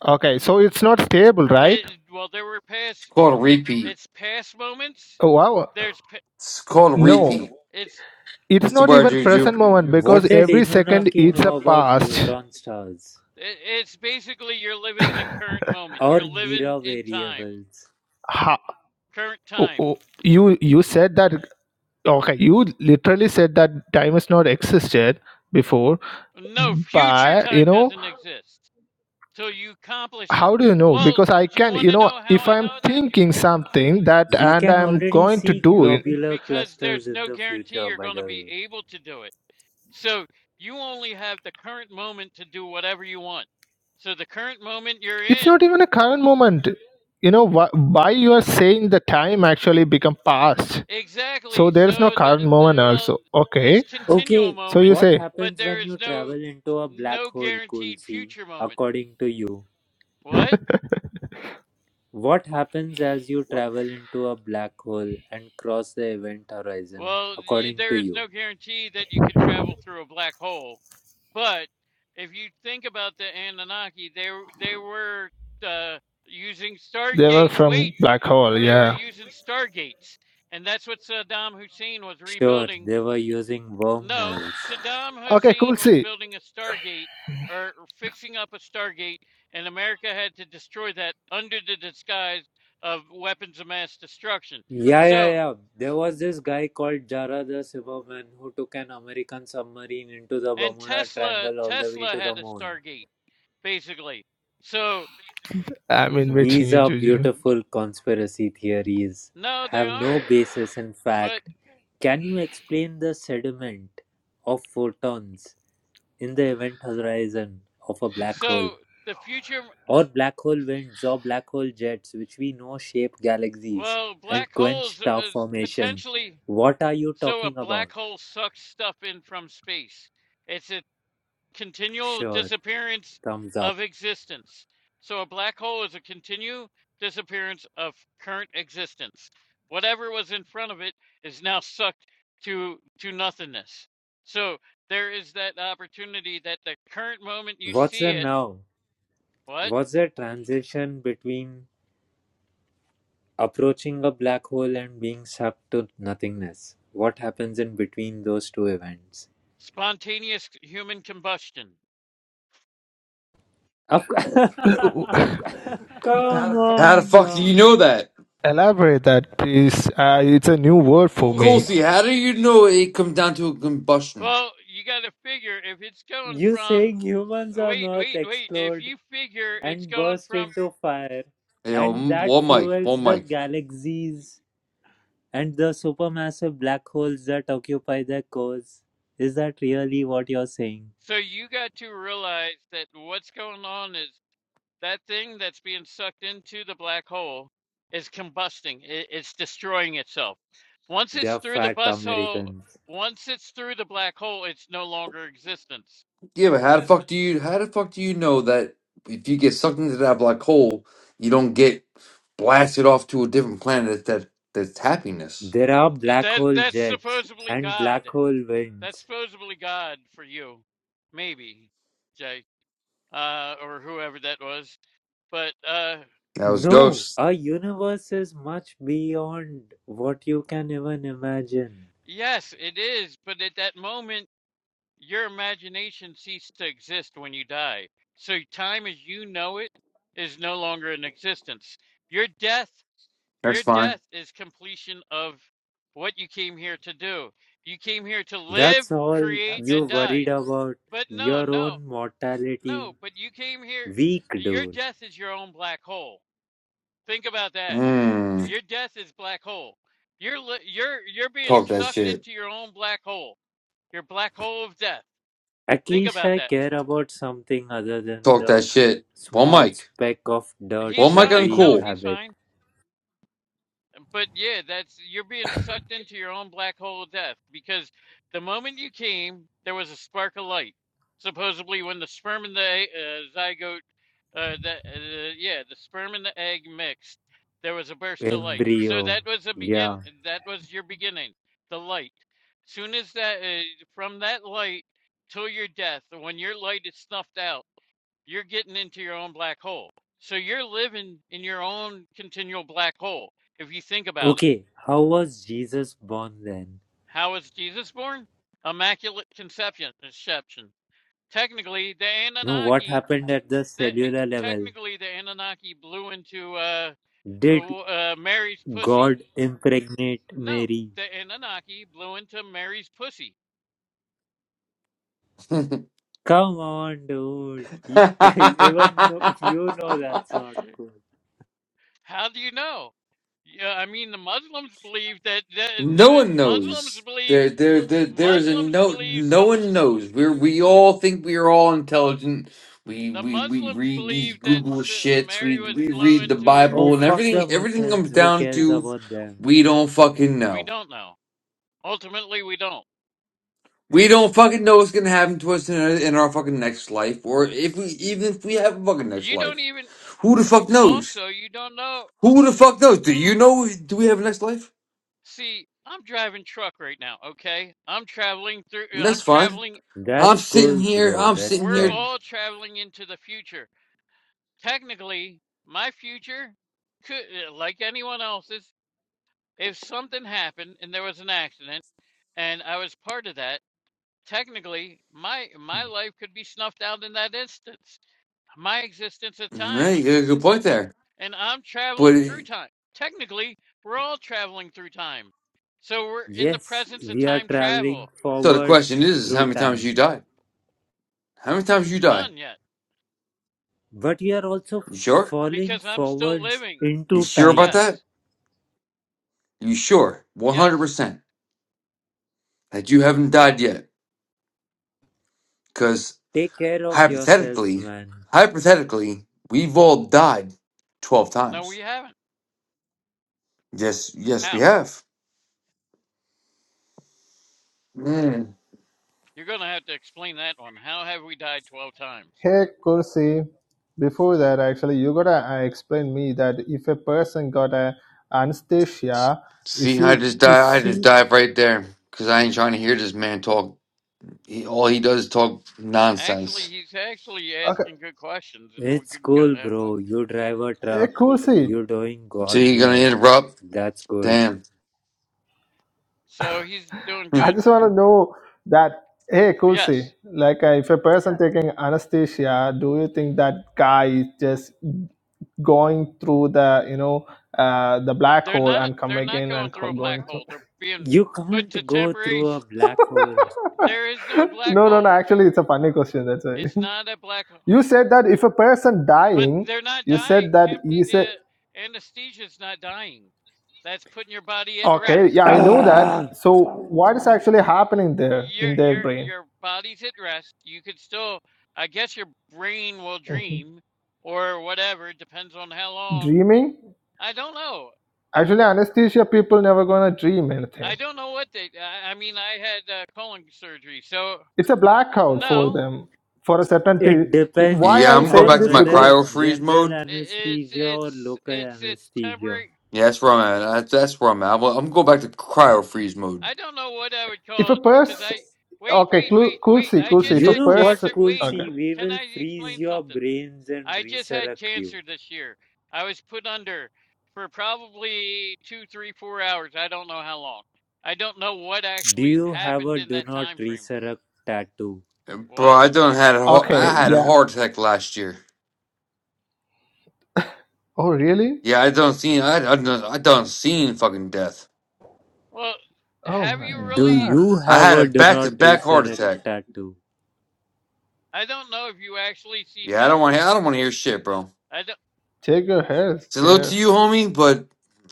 [SPEAKER 3] Okay, so it's not stable, right?
[SPEAKER 6] it well there were
[SPEAKER 1] It's
[SPEAKER 6] past
[SPEAKER 1] called a repeat.
[SPEAKER 6] it's past moments
[SPEAKER 3] Oh, wow,
[SPEAKER 6] there's pa-
[SPEAKER 1] It's called a repeat.
[SPEAKER 3] no,
[SPEAKER 6] it's
[SPEAKER 3] it's
[SPEAKER 1] What's the
[SPEAKER 3] not
[SPEAKER 1] word,
[SPEAKER 3] even
[SPEAKER 1] Juju?
[SPEAKER 3] present moment
[SPEAKER 4] What
[SPEAKER 3] because
[SPEAKER 4] did
[SPEAKER 3] every second
[SPEAKER 4] Anunnaki
[SPEAKER 3] it's a
[SPEAKER 4] know about
[SPEAKER 3] past.
[SPEAKER 4] neutron stars
[SPEAKER 6] it, it's basically you're living in current moment
[SPEAKER 4] or
[SPEAKER 6] you're living
[SPEAKER 4] Mira
[SPEAKER 6] in time
[SPEAKER 4] variables?
[SPEAKER 3] Ha,
[SPEAKER 6] current
[SPEAKER 3] oh,
[SPEAKER 6] time
[SPEAKER 3] oh, you you said that. Okay, you literally said that time has not existed before,
[SPEAKER 6] no future
[SPEAKER 3] but you
[SPEAKER 6] time
[SPEAKER 3] know
[SPEAKER 6] doesn't exist till you accomplish it
[SPEAKER 3] how do you know
[SPEAKER 6] well
[SPEAKER 3] because i
[SPEAKER 6] do you
[SPEAKER 3] can
[SPEAKER 6] want
[SPEAKER 3] you
[SPEAKER 6] to
[SPEAKER 3] know
[SPEAKER 6] know how
[SPEAKER 3] if
[SPEAKER 6] i
[SPEAKER 3] i'm
[SPEAKER 6] know that
[SPEAKER 3] thinking something that
[SPEAKER 4] We
[SPEAKER 3] and
[SPEAKER 4] can
[SPEAKER 3] i'm
[SPEAKER 4] already
[SPEAKER 3] going to
[SPEAKER 4] see
[SPEAKER 3] do it
[SPEAKER 4] globular
[SPEAKER 6] because
[SPEAKER 4] clusters
[SPEAKER 6] there's
[SPEAKER 4] in
[SPEAKER 6] no
[SPEAKER 4] the
[SPEAKER 6] guarantee
[SPEAKER 4] future,
[SPEAKER 6] you're
[SPEAKER 4] by
[SPEAKER 6] going to
[SPEAKER 4] the
[SPEAKER 6] be
[SPEAKER 4] way.
[SPEAKER 6] able to do it. So you only have the current moment to do whatever you want. So the current moment you're
[SPEAKER 3] it's
[SPEAKER 6] in,
[SPEAKER 3] not even a current moment you know wh- why you are saying the time actually become past so
[SPEAKER 6] exactly.
[SPEAKER 3] there is no
[SPEAKER 6] So the,
[SPEAKER 3] current
[SPEAKER 6] the
[SPEAKER 3] moment
[SPEAKER 6] well,
[SPEAKER 3] also
[SPEAKER 6] it's
[SPEAKER 3] okay
[SPEAKER 6] continual
[SPEAKER 4] Okay,
[SPEAKER 3] so you
[SPEAKER 6] moment,
[SPEAKER 4] what
[SPEAKER 3] say
[SPEAKER 6] but
[SPEAKER 4] happens
[SPEAKER 6] there
[SPEAKER 4] when
[SPEAKER 6] is
[SPEAKER 4] you
[SPEAKER 6] no
[SPEAKER 4] travel into a black
[SPEAKER 6] no
[SPEAKER 4] hole,
[SPEAKER 6] guaranteed
[SPEAKER 4] Kulsi?
[SPEAKER 6] future moment.
[SPEAKER 4] according to you?
[SPEAKER 6] What?
[SPEAKER 4] What happens as you travel into a black hole and cross the event horizon,
[SPEAKER 6] Well, you,
[SPEAKER 4] according to
[SPEAKER 6] there is
[SPEAKER 4] you?
[SPEAKER 6] no guarantee that you could travel through a black hole, but if you think about the Anunnaki, they w- they were uh, using
[SPEAKER 3] they were
[SPEAKER 6] stargates.
[SPEAKER 3] from
[SPEAKER 6] Wait,
[SPEAKER 3] black hole
[SPEAKER 6] they were
[SPEAKER 3] yeah
[SPEAKER 6] using stargates, and that's what Saddam Hussein was
[SPEAKER 4] Sure,
[SPEAKER 6] rebuilding.
[SPEAKER 4] they were using
[SPEAKER 6] No,
[SPEAKER 4] wormholes.
[SPEAKER 6] Saddam
[SPEAKER 3] okay
[SPEAKER 6] Hussein
[SPEAKER 3] cool
[SPEAKER 6] was
[SPEAKER 3] see
[SPEAKER 6] building a stargate or or fixing up a stargate, and America had to destroy that under the disguise of weapons of mass destruction.
[SPEAKER 4] Yeah, yeah,
[SPEAKER 6] So.
[SPEAKER 4] yeah. There was this guy called Jara the Silverman who took an American submarine into the
[SPEAKER 6] And
[SPEAKER 4] Bermuda
[SPEAKER 6] Tesla
[SPEAKER 4] Triangle all the way
[SPEAKER 6] Tesla
[SPEAKER 4] to the
[SPEAKER 6] had a
[SPEAKER 4] moon.
[SPEAKER 6] Stargate, basically. So
[SPEAKER 3] i'm inviting
[SPEAKER 4] These
[SPEAKER 3] you
[SPEAKER 4] are
[SPEAKER 3] juju
[SPEAKER 4] beautiful conspiracy theories,
[SPEAKER 6] no, they
[SPEAKER 4] have no
[SPEAKER 6] aren't.
[SPEAKER 4] basis in
[SPEAKER 6] But
[SPEAKER 4] fact. Can you explain the sediment of photons in the event horizon of a black hole?
[SPEAKER 6] so the future,
[SPEAKER 4] or black hole winds or black hole jets, which we know shape galaxies
[SPEAKER 6] well,
[SPEAKER 4] and
[SPEAKER 6] black
[SPEAKER 4] quench
[SPEAKER 6] holes
[SPEAKER 4] star
[SPEAKER 6] uh,
[SPEAKER 4] formation.
[SPEAKER 6] potentially.
[SPEAKER 4] What are you
[SPEAKER 6] So a
[SPEAKER 4] talking about?
[SPEAKER 6] black hole sucks stuff in from space. It's a continual
[SPEAKER 4] Sure,
[SPEAKER 6] disappearance
[SPEAKER 4] thumbs up.
[SPEAKER 6] of existence. So a black hole is a continual disappearance of current existence. Whatever was in front of it is now sucked to to nothingness. So there is that opportunity that the current moment you
[SPEAKER 4] What's
[SPEAKER 6] see
[SPEAKER 4] the
[SPEAKER 6] it,
[SPEAKER 4] now?
[SPEAKER 6] what?
[SPEAKER 4] What's the transition between approaching a black hole and being sucked to nothingness? What happens in between those two events?
[SPEAKER 6] Spontaneous human combustion.
[SPEAKER 4] Of course. Come
[SPEAKER 1] How the
[SPEAKER 4] on.
[SPEAKER 1] fuck do you
[SPEAKER 4] now.
[SPEAKER 1] know that?
[SPEAKER 3] elaborate that please uh, it's a new word for
[SPEAKER 1] Cool.
[SPEAKER 3] me
[SPEAKER 1] See, how do you know it comes down to a combustion?
[SPEAKER 6] Well, you got to figure if it's going
[SPEAKER 4] You
[SPEAKER 6] from
[SPEAKER 4] saying humans on
[SPEAKER 6] wait,
[SPEAKER 4] Earth
[SPEAKER 6] wait, wait, if
[SPEAKER 4] explored
[SPEAKER 6] you figure it's
[SPEAKER 4] and
[SPEAKER 6] going
[SPEAKER 4] burst
[SPEAKER 6] from
[SPEAKER 4] into fire,
[SPEAKER 1] Hey, yo,
[SPEAKER 4] and
[SPEAKER 1] m-
[SPEAKER 4] that
[SPEAKER 1] one mic,
[SPEAKER 4] fuels
[SPEAKER 1] one
[SPEAKER 4] the
[SPEAKER 1] mic.
[SPEAKER 4] galaxies and the supermassive black holes that occupy their cores. Is that really what you're saying?
[SPEAKER 6] so you got to realize that what's going on is That thing that's being sucked into the black hole is combusting. It, it's destroying itself. Once
[SPEAKER 4] They
[SPEAKER 6] it's
[SPEAKER 4] are
[SPEAKER 6] through the
[SPEAKER 4] fat
[SPEAKER 6] bus hole,
[SPEAKER 4] Americans.
[SPEAKER 6] once it's through the black hole, it's no longer existence.
[SPEAKER 1] Yeah, but how the fuck do you how the fuck do you know that if you get sucked into that black hole, you don't get blasted off to a different planet that that's happiness?
[SPEAKER 4] There
[SPEAKER 6] Uh,
[SPEAKER 4] are black
[SPEAKER 6] That
[SPEAKER 4] hole
[SPEAKER 6] that's
[SPEAKER 4] jets
[SPEAKER 6] supposedly
[SPEAKER 4] and
[SPEAKER 6] God.
[SPEAKER 4] black hole
[SPEAKER 6] That's
[SPEAKER 4] winds.
[SPEAKER 6] supposedly God for you, maybe, Jay, uh, or whoever that was. But uh,
[SPEAKER 1] That was
[SPEAKER 4] No,
[SPEAKER 1] ghosts.
[SPEAKER 4] our universe is much beyond what you can even imagine.
[SPEAKER 6] yes, it is. But at that moment, Your imagination ceased to exist when you die. So time as you know it is no longer in existence. Your death,
[SPEAKER 1] That's
[SPEAKER 6] your
[SPEAKER 1] fine.
[SPEAKER 6] death is completion of what you came here to do. You came here to live,
[SPEAKER 4] That's all
[SPEAKER 6] create and
[SPEAKER 4] you worried
[SPEAKER 6] die.
[SPEAKER 4] about.
[SPEAKER 6] But no,
[SPEAKER 4] Your
[SPEAKER 6] no.
[SPEAKER 4] own
[SPEAKER 6] No,
[SPEAKER 4] mortality.
[SPEAKER 6] but you came here
[SPEAKER 4] Weak,
[SPEAKER 6] your
[SPEAKER 4] dude.
[SPEAKER 6] death is your own black hole. Think about that.
[SPEAKER 1] Mm,
[SPEAKER 6] Your death is black hole. You're li- you're you're being
[SPEAKER 1] talk that
[SPEAKER 6] sucked
[SPEAKER 1] shit.
[SPEAKER 6] into your own black hole. Your black hole of death.
[SPEAKER 4] At
[SPEAKER 6] Think
[SPEAKER 4] least
[SPEAKER 6] about
[SPEAKER 4] I
[SPEAKER 6] that.
[SPEAKER 4] care about something other than
[SPEAKER 1] Talk
[SPEAKER 4] the
[SPEAKER 1] that shit. One
[SPEAKER 4] small
[SPEAKER 1] mic.
[SPEAKER 4] speck of dirt
[SPEAKER 6] He's
[SPEAKER 1] One mic
[SPEAKER 4] that
[SPEAKER 6] fine.
[SPEAKER 4] we
[SPEAKER 6] No,
[SPEAKER 1] uncool.
[SPEAKER 6] he's
[SPEAKER 4] inhabit.
[SPEAKER 6] fine. But yeah, that's you're being sucked into your own black hole of death because the moment you came, there was a spark of light. Supposedly, when the sperm and the uh, zygote, uh, the uh, yeah, the sperm and the egg mixed, there was a burst of light. So
[SPEAKER 4] Embryo.
[SPEAKER 6] that was a begin.
[SPEAKER 4] Yeah.
[SPEAKER 6] That was your beginning, the light. Soon as that, uh, from that light till your death, when your light is snuffed out you're getting into your own black hole. So you're living in your own continual black hole. If you think about it,
[SPEAKER 4] Okay, how was Jesus born then?
[SPEAKER 6] how was Jesus born? Immaculate conception. Conception. Technically, the
[SPEAKER 4] No, what
[SPEAKER 6] Anunnaki,
[SPEAKER 4] happened at the
[SPEAKER 6] the, eh,
[SPEAKER 4] cellular level?
[SPEAKER 6] technically the Anunnaki blew into uh,
[SPEAKER 4] Did
[SPEAKER 6] uh, uh, Mary's pussy.
[SPEAKER 4] God impregnate
[SPEAKER 6] No,
[SPEAKER 4] Mary?
[SPEAKER 6] the Anunnaki blew into Mary's pussy.
[SPEAKER 4] Come on, dude. Y- Even no, you know that's not cool.
[SPEAKER 6] How do you know? Yeah, I mean the Muslims believe that, that no,
[SPEAKER 1] No one
[SPEAKER 6] Muslims
[SPEAKER 1] knows.
[SPEAKER 6] believe
[SPEAKER 1] There, there, there, there is a
[SPEAKER 6] Muslims
[SPEAKER 1] no.
[SPEAKER 6] believe
[SPEAKER 1] No
[SPEAKER 6] some.
[SPEAKER 1] one knows. We're we all think we are all intelligent. We
[SPEAKER 6] The
[SPEAKER 1] we we
[SPEAKER 6] Muslims
[SPEAKER 1] read these
[SPEAKER 6] believe that
[SPEAKER 1] Google
[SPEAKER 6] S-
[SPEAKER 1] shits.
[SPEAKER 6] Mary
[SPEAKER 1] We
[SPEAKER 6] was
[SPEAKER 1] we read the
[SPEAKER 6] blowing to her
[SPEAKER 4] Oh,
[SPEAKER 1] Bible and
[SPEAKER 4] fuck
[SPEAKER 6] pussy.
[SPEAKER 1] everything.
[SPEAKER 4] the
[SPEAKER 1] Everything comes
[SPEAKER 4] Muslims. Who
[SPEAKER 1] down
[SPEAKER 4] cares
[SPEAKER 1] to
[SPEAKER 4] about them?
[SPEAKER 1] we don't fucking
[SPEAKER 6] We
[SPEAKER 1] know.
[SPEAKER 6] don't know. Ultimately, we don't.
[SPEAKER 1] We don't fucking know what's gonna happen to us in our, in our fucking next life, or if we even if we have a fucking next
[SPEAKER 6] You don't
[SPEAKER 1] life.
[SPEAKER 6] even,
[SPEAKER 1] Who the fuck knows?
[SPEAKER 6] also, you don't know.
[SPEAKER 1] Who the fuck knows? Do you know? Do we have a next life?
[SPEAKER 6] See, I'm driving truck right now, okay? I'm traveling through, uh,
[SPEAKER 1] That's
[SPEAKER 6] I'm
[SPEAKER 1] fine.
[SPEAKER 6] traveling,
[SPEAKER 1] I'm
[SPEAKER 4] That's
[SPEAKER 1] sitting
[SPEAKER 4] cool,
[SPEAKER 1] here.
[SPEAKER 4] bro.
[SPEAKER 1] I'm sitting
[SPEAKER 6] we're
[SPEAKER 1] here
[SPEAKER 4] Respect.
[SPEAKER 6] all traveling into the future. Technically, my future could, uh, like anyone else's, if something happened and there was an accident and I was part of that, technically, my my life could be snuffed out in that instance my existence of time,
[SPEAKER 1] Hey, you got a good point there.
[SPEAKER 6] and I'm
[SPEAKER 1] But
[SPEAKER 6] traveling through
[SPEAKER 1] it-
[SPEAKER 6] time. Technically, we're all traveling through time. So we're in the
[SPEAKER 4] Yes,
[SPEAKER 6] presence of
[SPEAKER 4] we are
[SPEAKER 6] time travel.
[SPEAKER 4] traveling
[SPEAKER 1] so the question
[SPEAKER 4] forwards
[SPEAKER 1] is, is how
[SPEAKER 4] through
[SPEAKER 1] many times
[SPEAKER 4] time,
[SPEAKER 1] you die? How many times you die?
[SPEAKER 6] None yet,
[SPEAKER 4] but we are also
[SPEAKER 1] You sure?
[SPEAKER 4] falling
[SPEAKER 6] because I'm still
[SPEAKER 4] forwards
[SPEAKER 6] living.
[SPEAKER 1] You
[SPEAKER 4] into
[SPEAKER 1] sure
[SPEAKER 4] time.
[SPEAKER 1] about that?
[SPEAKER 6] Yes,
[SPEAKER 1] You sure? One hundred
[SPEAKER 6] yes,
[SPEAKER 1] percent that you haven't
[SPEAKER 6] no,
[SPEAKER 1] died yet? Because
[SPEAKER 4] Take care of yourself,
[SPEAKER 1] hypothetically,
[SPEAKER 4] man.
[SPEAKER 1] hypothetically, we've all died twelve
[SPEAKER 6] no, we
[SPEAKER 1] times.
[SPEAKER 6] haven't.
[SPEAKER 1] Yes, yes, we
[SPEAKER 6] How?
[SPEAKER 1] have. Mm.
[SPEAKER 6] You're going to have to explain that one. How have we died 12 times?
[SPEAKER 3] Hey, Kursi. Before that, actually, you gotta uh, explain me that if a person got a anesthesia, is
[SPEAKER 1] See, I
[SPEAKER 3] he
[SPEAKER 1] just die.
[SPEAKER 3] is
[SPEAKER 1] I just
[SPEAKER 3] he
[SPEAKER 1] dive right there because I ain't trying to hear this man talk. He, all he does is talk
[SPEAKER 6] Actually,
[SPEAKER 1] nonsense.
[SPEAKER 6] he's actually
[SPEAKER 3] okay?
[SPEAKER 6] asking good questions, and we
[SPEAKER 4] It's
[SPEAKER 6] could go.
[SPEAKER 4] cool,
[SPEAKER 6] Uh,
[SPEAKER 4] bro. You drive a
[SPEAKER 3] Hey,
[SPEAKER 4] truck,
[SPEAKER 3] Kursi.
[SPEAKER 4] you're doing
[SPEAKER 1] So
[SPEAKER 4] God's
[SPEAKER 1] you're gonna
[SPEAKER 4] work.
[SPEAKER 1] interrupt?
[SPEAKER 4] That's good.
[SPEAKER 1] Damn.
[SPEAKER 6] so he's doing
[SPEAKER 3] I
[SPEAKER 6] good.
[SPEAKER 3] just want to know that. Hey, Kursi.
[SPEAKER 6] Yes,
[SPEAKER 3] Like, uh, if a person taking anesthesia, do you think that guy is just going through the you know uh, the black
[SPEAKER 6] they're
[SPEAKER 3] hole
[SPEAKER 6] not.
[SPEAKER 3] and come
[SPEAKER 6] They're not
[SPEAKER 3] again
[SPEAKER 6] going
[SPEAKER 3] and
[SPEAKER 6] through
[SPEAKER 3] co-
[SPEAKER 6] a black
[SPEAKER 3] going through?
[SPEAKER 6] hole. They're being
[SPEAKER 4] You
[SPEAKER 6] put to
[SPEAKER 4] can't go
[SPEAKER 6] temporary
[SPEAKER 4] through a black hole.
[SPEAKER 6] There is no black
[SPEAKER 3] no, no, no.
[SPEAKER 6] hole.
[SPEAKER 3] Actually, it's a funny question. That's why.
[SPEAKER 6] It's not a black hole.
[SPEAKER 3] You said that if a person
[SPEAKER 6] But
[SPEAKER 3] dying,
[SPEAKER 6] they're not
[SPEAKER 3] you
[SPEAKER 6] dying.
[SPEAKER 3] said that he said,
[SPEAKER 6] Amne- uh, anesthesia is not dying. That's putting your body at
[SPEAKER 3] okay, yeah,
[SPEAKER 6] rest.
[SPEAKER 3] I know that.
[SPEAKER 4] Ah!
[SPEAKER 3] So what is actually happening there
[SPEAKER 6] Your
[SPEAKER 3] in their
[SPEAKER 6] your
[SPEAKER 3] brain?
[SPEAKER 6] your body's at rest. You could still, I guess, your brain will
[SPEAKER 3] Mhm.
[SPEAKER 6] dream, or whatever. It Depends on how long.
[SPEAKER 3] Dreaming?
[SPEAKER 6] I don't know.
[SPEAKER 3] Actually, anesthesia people never gonna dream
[SPEAKER 6] I
[SPEAKER 3] anything.
[SPEAKER 6] don't know what they. I, I mean, I had uh, colon surgery, so
[SPEAKER 3] It's a blackout for
[SPEAKER 6] no.
[SPEAKER 3] them for a certain.
[SPEAKER 4] It
[SPEAKER 3] T- why
[SPEAKER 4] depends
[SPEAKER 1] Yeah,
[SPEAKER 3] I'm
[SPEAKER 1] I'm going
[SPEAKER 3] saying
[SPEAKER 1] back
[SPEAKER 4] on
[SPEAKER 1] to
[SPEAKER 3] this
[SPEAKER 1] my
[SPEAKER 4] whether
[SPEAKER 3] because
[SPEAKER 1] cryo
[SPEAKER 4] it's
[SPEAKER 1] freeze
[SPEAKER 4] general
[SPEAKER 1] mode.
[SPEAKER 6] I- It's
[SPEAKER 4] anesthesia or
[SPEAKER 6] it's
[SPEAKER 4] local
[SPEAKER 6] it's it's
[SPEAKER 4] anesthesia.
[SPEAKER 6] temporary
[SPEAKER 1] Yeah, that's where I'm at. That's, that's where I'm at. Well, I'm going back to cryo freeze mode.
[SPEAKER 6] I don't know what I would
[SPEAKER 3] if
[SPEAKER 6] call
[SPEAKER 3] a
[SPEAKER 6] it because
[SPEAKER 3] person,
[SPEAKER 6] I wait,
[SPEAKER 3] okay,
[SPEAKER 6] wait,
[SPEAKER 3] cool,
[SPEAKER 6] wait,
[SPEAKER 3] cool,
[SPEAKER 6] wait.
[SPEAKER 3] see,
[SPEAKER 6] I
[SPEAKER 3] cool, see.
[SPEAKER 6] just
[SPEAKER 3] If
[SPEAKER 4] You
[SPEAKER 3] a
[SPEAKER 6] had
[SPEAKER 4] know what,
[SPEAKER 6] cancer.
[SPEAKER 3] person,
[SPEAKER 6] Wait,
[SPEAKER 3] okay,
[SPEAKER 4] Kulsi? We
[SPEAKER 6] can
[SPEAKER 4] will
[SPEAKER 6] I
[SPEAKER 4] freeze
[SPEAKER 6] explain
[SPEAKER 4] your
[SPEAKER 6] something?
[SPEAKER 4] brains and
[SPEAKER 6] I just had
[SPEAKER 4] resurrect you.
[SPEAKER 6] cancer this year. I was put under for probably two, three, four hours. I don't know how long. I don't know what
[SPEAKER 4] Do
[SPEAKER 6] actually
[SPEAKER 4] you have
[SPEAKER 6] happened
[SPEAKER 4] a
[SPEAKER 6] in
[SPEAKER 4] do
[SPEAKER 6] that
[SPEAKER 4] not
[SPEAKER 6] time frame.
[SPEAKER 4] resurrect tattoo?
[SPEAKER 1] Bro,
[SPEAKER 6] What?
[SPEAKER 1] I done had a, ho- I
[SPEAKER 3] okay,
[SPEAKER 1] had a
[SPEAKER 3] yeah.
[SPEAKER 1] heart attack last year.
[SPEAKER 3] Oh really?
[SPEAKER 1] Yeah, I done seen I, I done I done seen fucking death.
[SPEAKER 6] Well,
[SPEAKER 3] Oh
[SPEAKER 6] have
[SPEAKER 3] my
[SPEAKER 6] you
[SPEAKER 4] Do
[SPEAKER 6] really?
[SPEAKER 3] God!
[SPEAKER 4] you
[SPEAKER 1] I
[SPEAKER 4] have
[SPEAKER 1] had a
[SPEAKER 4] a do
[SPEAKER 1] back to
[SPEAKER 4] not
[SPEAKER 1] back heart
[SPEAKER 4] resurrect
[SPEAKER 1] attack.
[SPEAKER 4] tattoo?
[SPEAKER 6] I don't know if you actually seen
[SPEAKER 1] Yeah, I
[SPEAKER 6] death.
[SPEAKER 1] don't want to I don't want to hear shit, bro.
[SPEAKER 6] I don't.
[SPEAKER 3] Take your health
[SPEAKER 1] Salute to
[SPEAKER 3] care
[SPEAKER 1] you, homie, but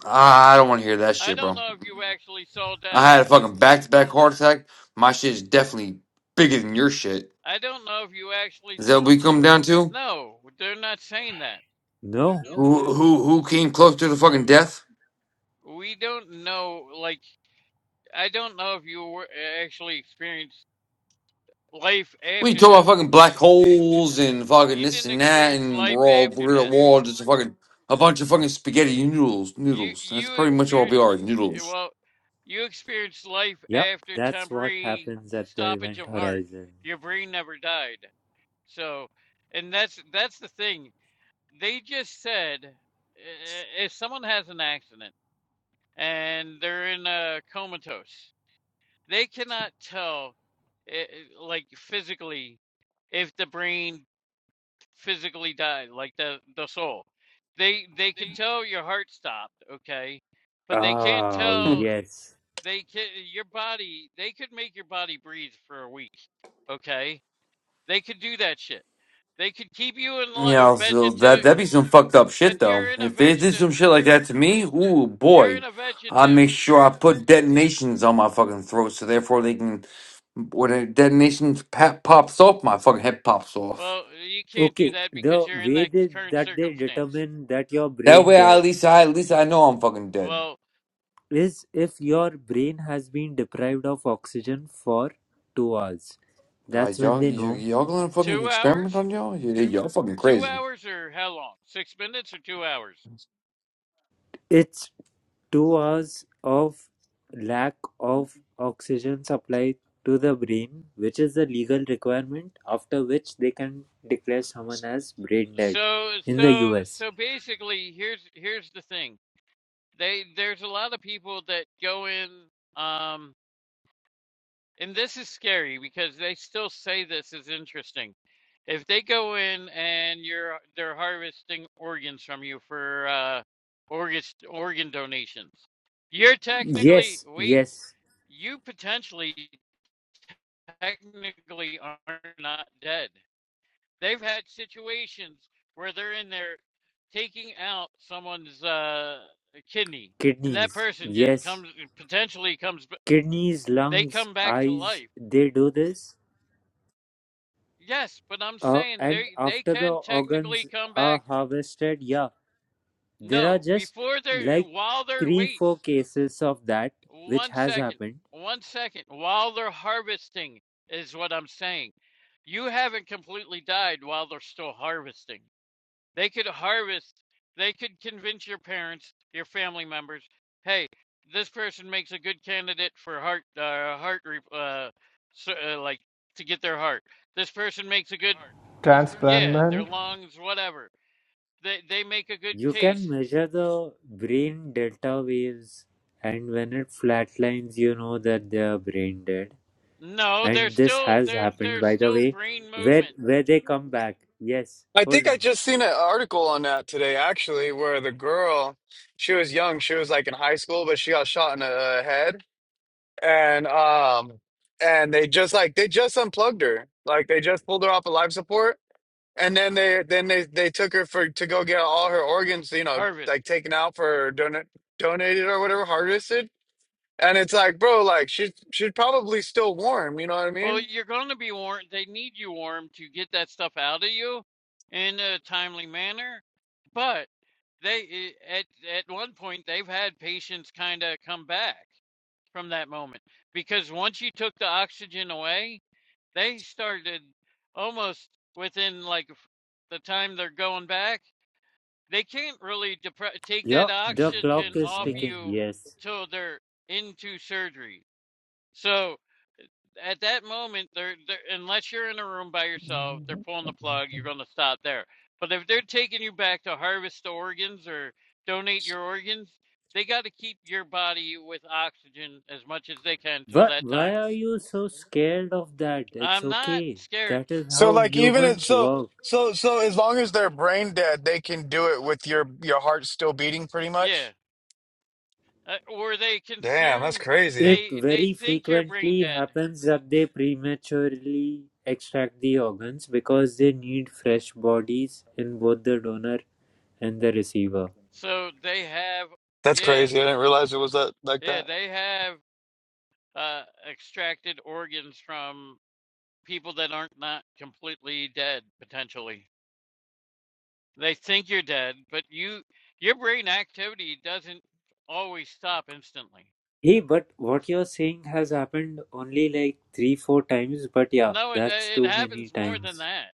[SPEAKER 1] ah, I don't want to hear that
[SPEAKER 6] I
[SPEAKER 1] shit,
[SPEAKER 6] don't
[SPEAKER 1] bro.
[SPEAKER 6] know if you actually saw death.
[SPEAKER 1] I had a fucking back to back heart attack. My shit is definitely bigger than your shit.
[SPEAKER 6] I don't know if you actually
[SPEAKER 1] Is that
[SPEAKER 6] saw.
[SPEAKER 1] what we come down to?
[SPEAKER 6] No, they're not saying that.
[SPEAKER 4] No?
[SPEAKER 1] Who who who came close to the fucking death?
[SPEAKER 6] We don't know, like, I don't know if you were eh, actually experienced life
[SPEAKER 1] We
[SPEAKER 6] after
[SPEAKER 1] talk about
[SPEAKER 6] death.
[SPEAKER 1] fucking black holes and fucking
[SPEAKER 6] You
[SPEAKER 1] this
[SPEAKER 6] didn't
[SPEAKER 1] and that,
[SPEAKER 6] experience
[SPEAKER 1] and
[SPEAKER 6] life
[SPEAKER 1] we're all
[SPEAKER 6] after
[SPEAKER 1] we're,
[SPEAKER 6] death.
[SPEAKER 1] we're all just a fucking a bunch of fucking spaghetti noodles.
[SPEAKER 6] You
[SPEAKER 1] Noodles. That's
[SPEAKER 6] you
[SPEAKER 1] pretty much all we
[SPEAKER 6] experienced
[SPEAKER 1] are.
[SPEAKER 6] eh,
[SPEAKER 1] Noodles.
[SPEAKER 6] well, you experienced life
[SPEAKER 4] Yeah,
[SPEAKER 6] after
[SPEAKER 4] that's what
[SPEAKER 6] temporary
[SPEAKER 4] happens at the
[SPEAKER 6] stoppage
[SPEAKER 4] event
[SPEAKER 6] of heart.
[SPEAKER 4] horizon.
[SPEAKER 6] Your brain never died. So, and that's that's the thing. They just said eh, eh, if someone has an accident and they're in a comatose, They cannot tell, eh, eh, like physically, if the brain physically died, like the the soul. They they could tell your heart stopped, okay, but they can't
[SPEAKER 4] Oh,
[SPEAKER 1] Hmm.
[SPEAKER 6] tell.
[SPEAKER 4] yes.
[SPEAKER 6] They can your body. They could make your body breathe for a week, okay. They could do that shit. They could keep you in a
[SPEAKER 1] yeah. So that
[SPEAKER 6] vegetative,
[SPEAKER 1] that'd be some fucked up
[SPEAKER 6] but
[SPEAKER 1] shit though.
[SPEAKER 6] you're in a
[SPEAKER 1] If they did
[SPEAKER 6] vegeta.
[SPEAKER 1] some shit like that to me, ooh
[SPEAKER 6] You're in
[SPEAKER 1] boy,
[SPEAKER 6] a
[SPEAKER 1] I
[SPEAKER 6] vegetative.
[SPEAKER 1] make sure I put detonations on my fucking throat, so therefore they can when a detonation pa- pops off, my fucking head pops off.
[SPEAKER 6] Well, you can't do
[SPEAKER 4] Okay,
[SPEAKER 6] that because
[SPEAKER 4] the
[SPEAKER 6] you're in
[SPEAKER 4] way
[SPEAKER 6] that
[SPEAKER 4] they,
[SPEAKER 6] current
[SPEAKER 4] that they
[SPEAKER 6] circumstance.
[SPEAKER 4] determine that your
[SPEAKER 1] That
[SPEAKER 4] brain
[SPEAKER 1] way, I,
[SPEAKER 4] dead
[SPEAKER 1] at least I at least I know I'm fucking dead.
[SPEAKER 6] Well,
[SPEAKER 4] is if your brain has been deprived of oxygen for two hours.
[SPEAKER 1] Uh,
[SPEAKER 4] That's when
[SPEAKER 1] y'all, y-
[SPEAKER 4] they know
[SPEAKER 1] y'all gonna fucking
[SPEAKER 6] two hours.
[SPEAKER 1] experiment on y'all? Y- Y'all fucking
[SPEAKER 6] Two
[SPEAKER 1] crazy.
[SPEAKER 6] hours or how long? Six minutes or two hours?
[SPEAKER 4] It's two hours of lack of oxygen supply to the brain, which is the legal requirement, after which they can declare someone as brain dead
[SPEAKER 6] So
[SPEAKER 4] in the
[SPEAKER 6] so
[SPEAKER 4] US.
[SPEAKER 6] so basically here's here's the thing. They there's a lot of people that go in um and this is scary because they still say this is interesting. If they go in and you're they're harvesting organs from you for uh organ organ donations, you're technically
[SPEAKER 4] Yes,
[SPEAKER 6] wait,
[SPEAKER 4] yes,
[SPEAKER 6] you potentially technically are not dead. They've had situations where they're in there taking out someone's uh, kidney, and that
[SPEAKER 4] kidneys,
[SPEAKER 6] person just
[SPEAKER 4] yes,
[SPEAKER 6] comes potentially comes. b-
[SPEAKER 4] kidneys,
[SPEAKER 6] They
[SPEAKER 4] lungs,
[SPEAKER 6] come back to
[SPEAKER 4] eyes,
[SPEAKER 6] life.
[SPEAKER 4] they do this.
[SPEAKER 6] Yes, but I'm
[SPEAKER 4] Uh,
[SPEAKER 6] saying
[SPEAKER 4] and
[SPEAKER 6] they they
[SPEAKER 4] after the
[SPEAKER 6] can
[SPEAKER 4] organs
[SPEAKER 6] technically come
[SPEAKER 4] are
[SPEAKER 6] back.
[SPEAKER 4] harvested, yeah, there are
[SPEAKER 6] No,
[SPEAKER 4] just
[SPEAKER 6] before they're
[SPEAKER 4] like
[SPEAKER 6] while they're
[SPEAKER 4] three,
[SPEAKER 6] wait
[SPEAKER 4] four cases of that which
[SPEAKER 6] one
[SPEAKER 4] has
[SPEAKER 6] second,
[SPEAKER 4] happened
[SPEAKER 6] one second while they're harvesting is what I'm saying. You haven't completely died while they're still harvesting. They could harvest, they could convince your parents, your family members, hey, this person makes a good candidate for heart, uh, heart, uh, so, uh, like to get their heart. This person makes a good,
[SPEAKER 3] transplant
[SPEAKER 6] yeah, their
[SPEAKER 3] man.
[SPEAKER 6] lungs, whatever. They they make a good
[SPEAKER 4] You
[SPEAKER 6] case.
[SPEAKER 4] can measure the brain delta waves, and when it flatlines, you know that they are brain dead.
[SPEAKER 6] No, they're
[SPEAKER 4] And this
[SPEAKER 6] still
[SPEAKER 4] has
[SPEAKER 6] they're
[SPEAKER 4] happened,
[SPEAKER 6] they're
[SPEAKER 4] by the
[SPEAKER 6] still
[SPEAKER 4] way,
[SPEAKER 6] brain
[SPEAKER 4] where
[SPEAKER 6] movement
[SPEAKER 4] where they come back. Yes,
[SPEAKER 7] I
[SPEAKER 4] hold
[SPEAKER 7] think
[SPEAKER 4] on.
[SPEAKER 7] I just seen an article on that today, actually, where the girl, she was young, she was like in high school, but she got shot in the uh, head, and um, and they just like they just unplugged her, like they just pulled her off of life support, and then they then they they took her for to go get all her organs, you know,
[SPEAKER 6] harvest.
[SPEAKER 7] like taken out for donor donated or whatever, harvested, and it's like, bro, like she she'd probably still warm, you know what I
[SPEAKER 6] Well,
[SPEAKER 7] mean?
[SPEAKER 6] you're going to be warm. They need you warm to get that stuff out of you in a timely manner. But they eh, at at one point they've had patients kind of come back from that moment because once you took the oxygen away, they started almost within like the time they're going back. They can't really depre- take
[SPEAKER 4] Yeah,
[SPEAKER 6] that
[SPEAKER 4] the clock
[SPEAKER 6] oxygen
[SPEAKER 4] is
[SPEAKER 6] off
[SPEAKER 4] ticking.
[SPEAKER 6] you
[SPEAKER 4] Yes.
[SPEAKER 6] till they're into surgery. So at that moment, they're, they're unless you're in a room by yourself, they're pulling the plug. You're going to stop there. But if they're taking you back to harvest the organs or donate your organs, they got to keep your body with oxygen as much as they can till
[SPEAKER 4] But
[SPEAKER 6] that time.
[SPEAKER 4] why are you so scared of that? It's
[SPEAKER 6] I'm not
[SPEAKER 4] okay.
[SPEAKER 6] scared.
[SPEAKER 4] That is
[SPEAKER 7] So
[SPEAKER 4] how
[SPEAKER 7] like even if
[SPEAKER 4] humans
[SPEAKER 7] so
[SPEAKER 4] work.
[SPEAKER 7] so so as long as they're brain dead, they can do it with your your heart still beating pretty
[SPEAKER 6] Yeah,
[SPEAKER 7] much.
[SPEAKER 6] Uh, or they
[SPEAKER 7] Damn, that's
[SPEAKER 6] consume.
[SPEAKER 7] crazy.
[SPEAKER 4] It
[SPEAKER 6] They they
[SPEAKER 4] very
[SPEAKER 6] think you're brain
[SPEAKER 4] frequently
[SPEAKER 6] dead,
[SPEAKER 4] happens that they prematurely extract the organs because they need fresh bodies in both the donor and the receiver.
[SPEAKER 6] so they have
[SPEAKER 7] That's
[SPEAKER 6] yeah
[SPEAKER 7] crazy. I didn't realize it was that like
[SPEAKER 6] yeah
[SPEAKER 7] that.
[SPEAKER 6] they have uh extracted organs from people that aren't not completely dead potentially. They think you're dead, but you your brain activity doesn't always stop instantly.
[SPEAKER 4] Hey, but what you're saying has happened only like three, four times, but yeah,
[SPEAKER 6] No, it
[SPEAKER 4] that's
[SPEAKER 6] it
[SPEAKER 4] too many
[SPEAKER 6] happens more than
[SPEAKER 4] times.
[SPEAKER 6] that.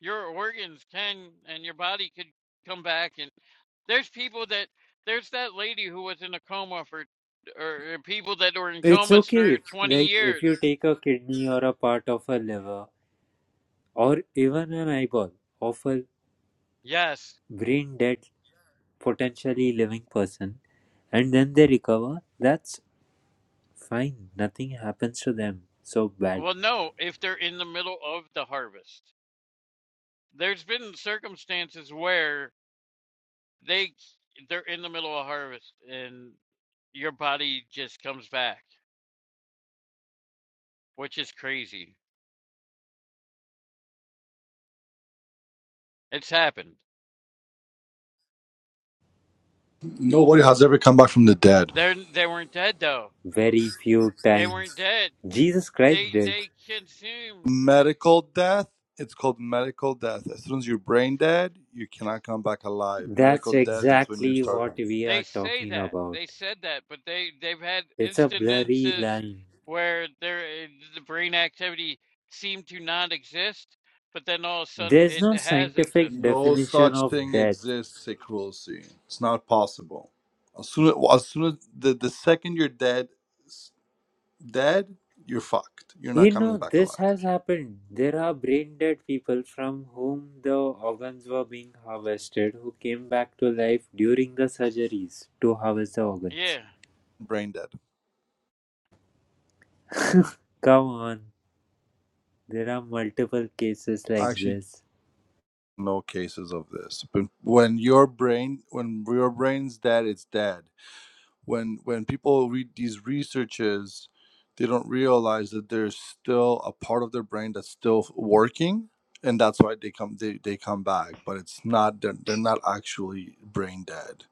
[SPEAKER 6] Your organs can and your body could come back and there's people that there's that lady who was in a coma for or people that were in
[SPEAKER 4] It's
[SPEAKER 6] comas
[SPEAKER 4] okay
[SPEAKER 6] for
[SPEAKER 4] if,
[SPEAKER 6] 20
[SPEAKER 4] like, if
[SPEAKER 6] years.
[SPEAKER 4] you take a kidney or a part of a liver or even an eyeball of a
[SPEAKER 6] Yes.
[SPEAKER 4] brain dead, potentially living person, and then they recover, that's Fine, nothing happens to them so bad.
[SPEAKER 6] Well, no, if they're in the middle of the harvest. There's been circumstances where They they're in the middle of harvest and your body just comes back, which is crazy. It's happened.
[SPEAKER 8] Nobody has ever come back from the dead.
[SPEAKER 6] They they weren't dead though.
[SPEAKER 4] Very few
[SPEAKER 6] They weren't
[SPEAKER 4] times.
[SPEAKER 6] dead.
[SPEAKER 4] Jesus Christ
[SPEAKER 6] They
[SPEAKER 4] did.
[SPEAKER 6] they consumed.
[SPEAKER 8] Medical death, it's called medical death. As soon as you're brain dead, you cannot come back alive.
[SPEAKER 4] That's
[SPEAKER 8] Medical death is when you
[SPEAKER 4] exactly
[SPEAKER 8] start. on.
[SPEAKER 4] what we
[SPEAKER 6] They
[SPEAKER 4] are
[SPEAKER 6] say
[SPEAKER 4] talking
[SPEAKER 6] that.
[SPEAKER 4] about.
[SPEAKER 6] They said that, but they they've had
[SPEAKER 4] It's a blurry
[SPEAKER 6] instances
[SPEAKER 4] line.
[SPEAKER 6] where their eh, the brain activity seemed to not exist, but then all of a sudden
[SPEAKER 4] There's
[SPEAKER 6] it
[SPEAKER 4] no
[SPEAKER 6] has
[SPEAKER 4] scientific
[SPEAKER 6] existed.
[SPEAKER 8] No
[SPEAKER 4] definition
[SPEAKER 8] such
[SPEAKER 4] of
[SPEAKER 8] thing
[SPEAKER 4] death.
[SPEAKER 8] exists, Sekulsi. It's not possible. As soon as, soon as the, the second you're dead, s- dead, you're fucked. You're not
[SPEAKER 4] You
[SPEAKER 8] coming
[SPEAKER 4] know,
[SPEAKER 8] back
[SPEAKER 4] this
[SPEAKER 8] alive.
[SPEAKER 4] has happened. There are brain dead people from whom the organs were being harvested who came back to life during the surgeries to harvest the organs.
[SPEAKER 6] Yeah.
[SPEAKER 8] Brain dead.
[SPEAKER 4] Come on, there are multiple cases
[SPEAKER 8] I
[SPEAKER 4] like
[SPEAKER 8] actually
[SPEAKER 4] this.
[SPEAKER 8] know cases of this. But when your brain, when your brain's dead, it's dead. when when people read these researches they don't realize that there's still a part of their brain that's still working and that's why they come they, they come back but it's not they're, they're not actually brain dead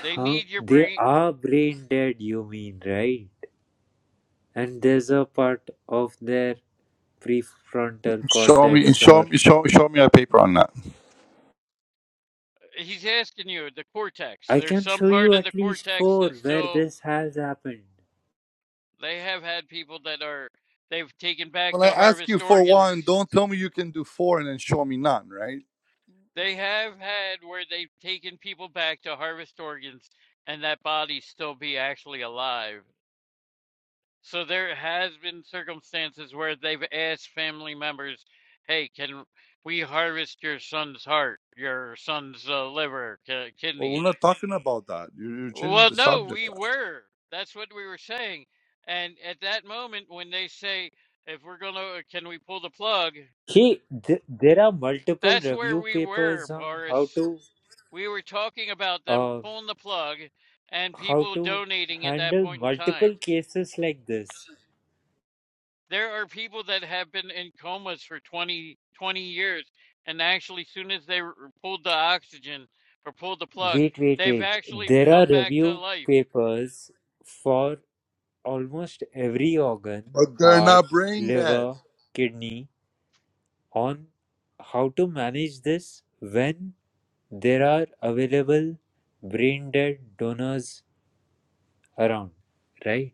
[SPEAKER 6] They need your
[SPEAKER 4] They
[SPEAKER 6] brain
[SPEAKER 4] are brain dead, you mean, right? And there's a part of their prefrontal
[SPEAKER 8] Show me,
[SPEAKER 4] cortex,
[SPEAKER 8] show
[SPEAKER 4] or
[SPEAKER 8] me, show, show me a paper on that.
[SPEAKER 6] He's asking you the cortex.
[SPEAKER 4] I
[SPEAKER 6] There's
[SPEAKER 4] can
[SPEAKER 6] some
[SPEAKER 4] show
[SPEAKER 6] part
[SPEAKER 4] you
[SPEAKER 6] of the
[SPEAKER 4] at least
[SPEAKER 6] cortex
[SPEAKER 4] four
[SPEAKER 6] that's
[SPEAKER 4] where
[SPEAKER 6] still.
[SPEAKER 4] this has happened.
[SPEAKER 6] They have had people that are. They've taken back
[SPEAKER 8] when i
[SPEAKER 6] to
[SPEAKER 8] ask you
[SPEAKER 6] harvest
[SPEAKER 8] for one
[SPEAKER 6] organs.
[SPEAKER 8] don't tell me you can do four and then show me none right
[SPEAKER 6] They have had where they've taken people back to harvest organs, and that body still be actually alive. So there has been circumstances where they've asked family members, "Hey, can we harvest your son's heart, your son's uh, liver, ki-
[SPEAKER 8] well
[SPEAKER 6] kidneys?"
[SPEAKER 8] we're not talking about that you're, you're changing
[SPEAKER 6] Well,
[SPEAKER 8] the
[SPEAKER 6] no,
[SPEAKER 8] subject
[SPEAKER 6] we were. That's what we were saying. And at that moment, when they say, if we're going to, can we pull the plug?
[SPEAKER 4] Hey, th- there are multiple
[SPEAKER 6] That's where
[SPEAKER 4] review
[SPEAKER 6] we were,
[SPEAKER 4] papers on how
[SPEAKER 6] Boris.
[SPEAKER 4] to,
[SPEAKER 6] We were talking about them
[SPEAKER 4] uh,
[SPEAKER 6] pulling the plug and
[SPEAKER 4] how
[SPEAKER 6] people
[SPEAKER 4] to
[SPEAKER 6] donating at that
[SPEAKER 4] handle
[SPEAKER 6] point in
[SPEAKER 4] multiple
[SPEAKER 6] time.
[SPEAKER 4] cases like this.
[SPEAKER 6] There are people that have been in comas for 20, 20 years, and actually, soon as they r- pulled the oxygen or pulled the plug,
[SPEAKER 4] Wait, wait,
[SPEAKER 6] they've
[SPEAKER 4] wait.
[SPEAKER 6] actually
[SPEAKER 4] There are
[SPEAKER 6] come back to
[SPEAKER 4] review
[SPEAKER 6] life.
[SPEAKER 4] papers for almost every organ:
[SPEAKER 8] but they're
[SPEAKER 4] heart,
[SPEAKER 8] not brain dead
[SPEAKER 4] liver, kidney. on how to manage this when there are available brain dead donors around, right?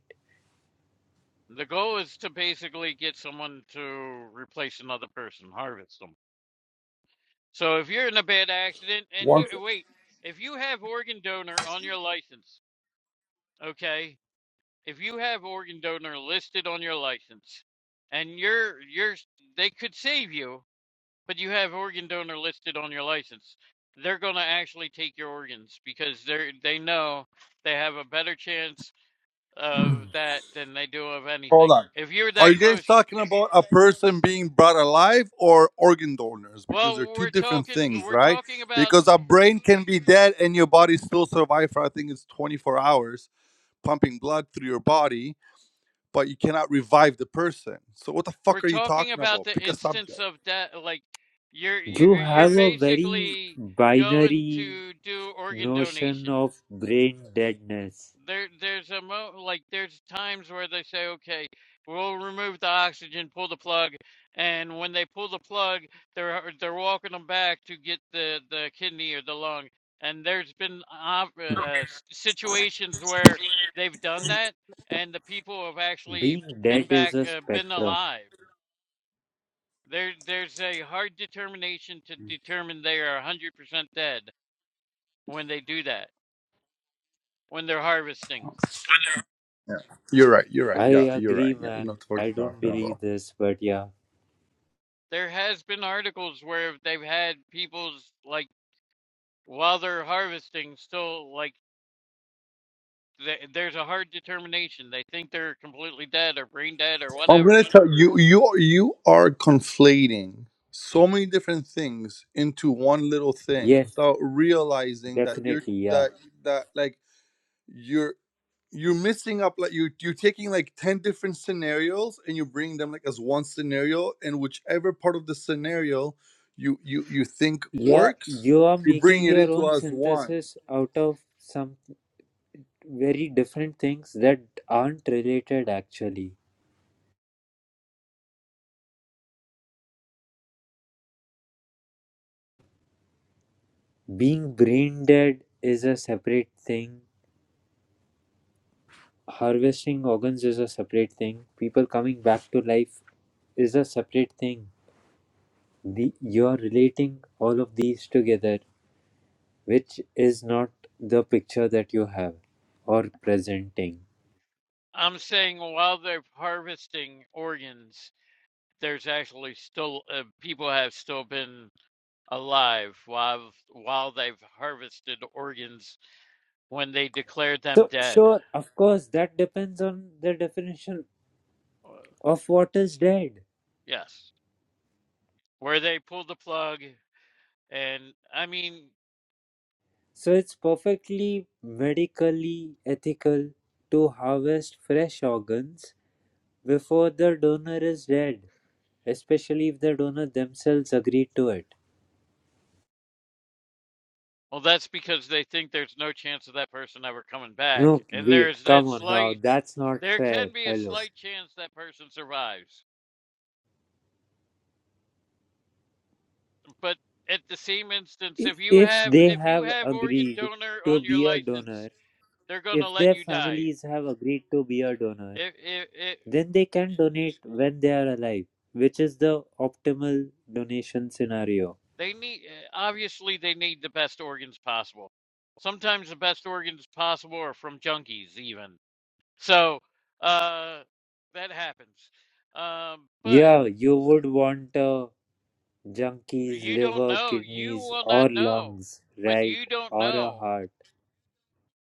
[SPEAKER 6] The goal is to basically get someone to replace another person, harvest them. So if you're in a bad accident and you
[SPEAKER 8] One.
[SPEAKER 6] wait, if you have organ donor on your license, okay? If you have organ donor listed on your license and you're you're they could save you, but you have organ donor listed on your license, they're going to actually take your organs because they're they know they have a better chance of that than they do of
[SPEAKER 8] Hold
[SPEAKER 6] anything.
[SPEAKER 8] on.
[SPEAKER 6] If you're
[SPEAKER 8] Are
[SPEAKER 6] that
[SPEAKER 8] you guys
[SPEAKER 6] close
[SPEAKER 8] talking about a person being brought alive or organ donors? Because they're
[SPEAKER 6] Well,
[SPEAKER 8] two
[SPEAKER 6] we're
[SPEAKER 8] different
[SPEAKER 6] talking
[SPEAKER 8] things,
[SPEAKER 6] we're
[SPEAKER 8] right?
[SPEAKER 6] talking about
[SPEAKER 8] Because a brain can be dead and your body still survive for I think it's 24 hours, pumping blood through your body, but you cannot revive the person. So what the
[SPEAKER 6] we're
[SPEAKER 8] fuck are you
[SPEAKER 6] talking
[SPEAKER 8] talking
[SPEAKER 6] about
[SPEAKER 8] about?
[SPEAKER 6] the
[SPEAKER 8] Pick a
[SPEAKER 6] instance
[SPEAKER 8] subject.
[SPEAKER 6] of that like you're
[SPEAKER 4] You
[SPEAKER 6] you're you're
[SPEAKER 4] have a very
[SPEAKER 6] basically going
[SPEAKER 4] binary
[SPEAKER 6] to do organ
[SPEAKER 4] notion
[SPEAKER 6] donation.
[SPEAKER 4] of brain deadness.
[SPEAKER 6] There, there's a mo like there's times where they say, okay, we'll remove the oxygen, pull the plug, and when they pull the plug, they're uh, they're walking them back to get the the kidney or the lung. And there's been op- uh, uh, s- situations where they've done that, and the people have actually
[SPEAKER 4] Being dead
[SPEAKER 6] been
[SPEAKER 4] is
[SPEAKER 6] back,
[SPEAKER 4] a
[SPEAKER 6] uh, been
[SPEAKER 4] spectrum.
[SPEAKER 6] alive. There, there's a hard determination to determine they are 100% dead when they do that, when they're harvesting.
[SPEAKER 8] Yeah. You're right. You're right. Yeah,
[SPEAKER 4] I
[SPEAKER 8] you're
[SPEAKER 4] agree,
[SPEAKER 8] right. Yeah, you know
[SPEAKER 4] man.
[SPEAKER 8] what
[SPEAKER 4] I
[SPEAKER 8] you're
[SPEAKER 4] don't
[SPEAKER 8] talking about.
[SPEAKER 4] believe this, but yeah.
[SPEAKER 6] there has been articles where they've had people's like while they're harvesting still like th there's a hard determination they think they're completely dead or brain dead or
[SPEAKER 8] I'm gonna
[SPEAKER 6] whatever
[SPEAKER 8] tell you, you you are conflating so many different things into one little thing
[SPEAKER 4] Yes,
[SPEAKER 8] without realizing that you're
[SPEAKER 4] definitely, yeah.
[SPEAKER 8] that that like you're you're missing up like you you're taking like ten different scenarios and you bring them like as one scenario and whichever part of the scenario you you you think
[SPEAKER 4] Yeah,
[SPEAKER 8] works
[SPEAKER 4] you are
[SPEAKER 8] you bring
[SPEAKER 4] making
[SPEAKER 8] it
[SPEAKER 4] your
[SPEAKER 8] into
[SPEAKER 4] own
[SPEAKER 8] as one
[SPEAKER 4] synthesis out of some very different things that aren't related actually. Being brain dead is a separate thing, harvesting organs is a separate thing, people coming back to life is a separate thing. The, you're relating all of these together, which is not the picture that you have or presenting.
[SPEAKER 6] i'm saying while they're harvesting organs there's actually still uh, people have still been alive while while they've harvested organs when they declared them
[SPEAKER 4] So,
[SPEAKER 6] dead
[SPEAKER 4] sure, of course, that depends on the definition
[SPEAKER 6] Uh,
[SPEAKER 4] of what is dead.
[SPEAKER 6] yes where they pulled the plug and i mean
[SPEAKER 4] So it's perfectly medically ethical to harvest fresh organs before the donor is dead, especially if the donor themselves agreed to it.
[SPEAKER 6] Well, that's because they think there's no chance of that person ever coming back.
[SPEAKER 4] No,
[SPEAKER 6] And
[SPEAKER 4] wait,
[SPEAKER 6] there's
[SPEAKER 4] come
[SPEAKER 6] that
[SPEAKER 4] on now,
[SPEAKER 6] slight,
[SPEAKER 4] that's not
[SPEAKER 6] there
[SPEAKER 4] fair.
[SPEAKER 6] can be a
[SPEAKER 4] Hello.
[SPEAKER 6] slight chance that person survives. But at the same instance,
[SPEAKER 4] I-
[SPEAKER 6] if you
[SPEAKER 4] If
[SPEAKER 6] have
[SPEAKER 4] they
[SPEAKER 6] if you
[SPEAKER 4] have
[SPEAKER 6] have organ
[SPEAKER 4] agreed
[SPEAKER 6] donor
[SPEAKER 4] to
[SPEAKER 6] on your
[SPEAKER 4] be a
[SPEAKER 6] license,
[SPEAKER 4] donor,
[SPEAKER 6] they're going to
[SPEAKER 4] if
[SPEAKER 6] let
[SPEAKER 4] their
[SPEAKER 6] you die.
[SPEAKER 4] families have agreed to be a donor,
[SPEAKER 6] If if it,
[SPEAKER 4] then they can donate when they are alive, which is the optimal donation scenario.
[SPEAKER 6] they need obviously they need the best organs possible. Sometimes the best organs possible are from junkies even. So, uh that happens. Um but
[SPEAKER 4] Yeah, you would want a Junkies,
[SPEAKER 6] You don't
[SPEAKER 4] liver,
[SPEAKER 6] know. You
[SPEAKER 4] kidneys,
[SPEAKER 6] will not
[SPEAKER 4] or
[SPEAKER 6] know.
[SPEAKER 4] lungs,
[SPEAKER 6] But
[SPEAKER 4] right?
[SPEAKER 6] you don't
[SPEAKER 4] Or a
[SPEAKER 6] know.
[SPEAKER 4] heart.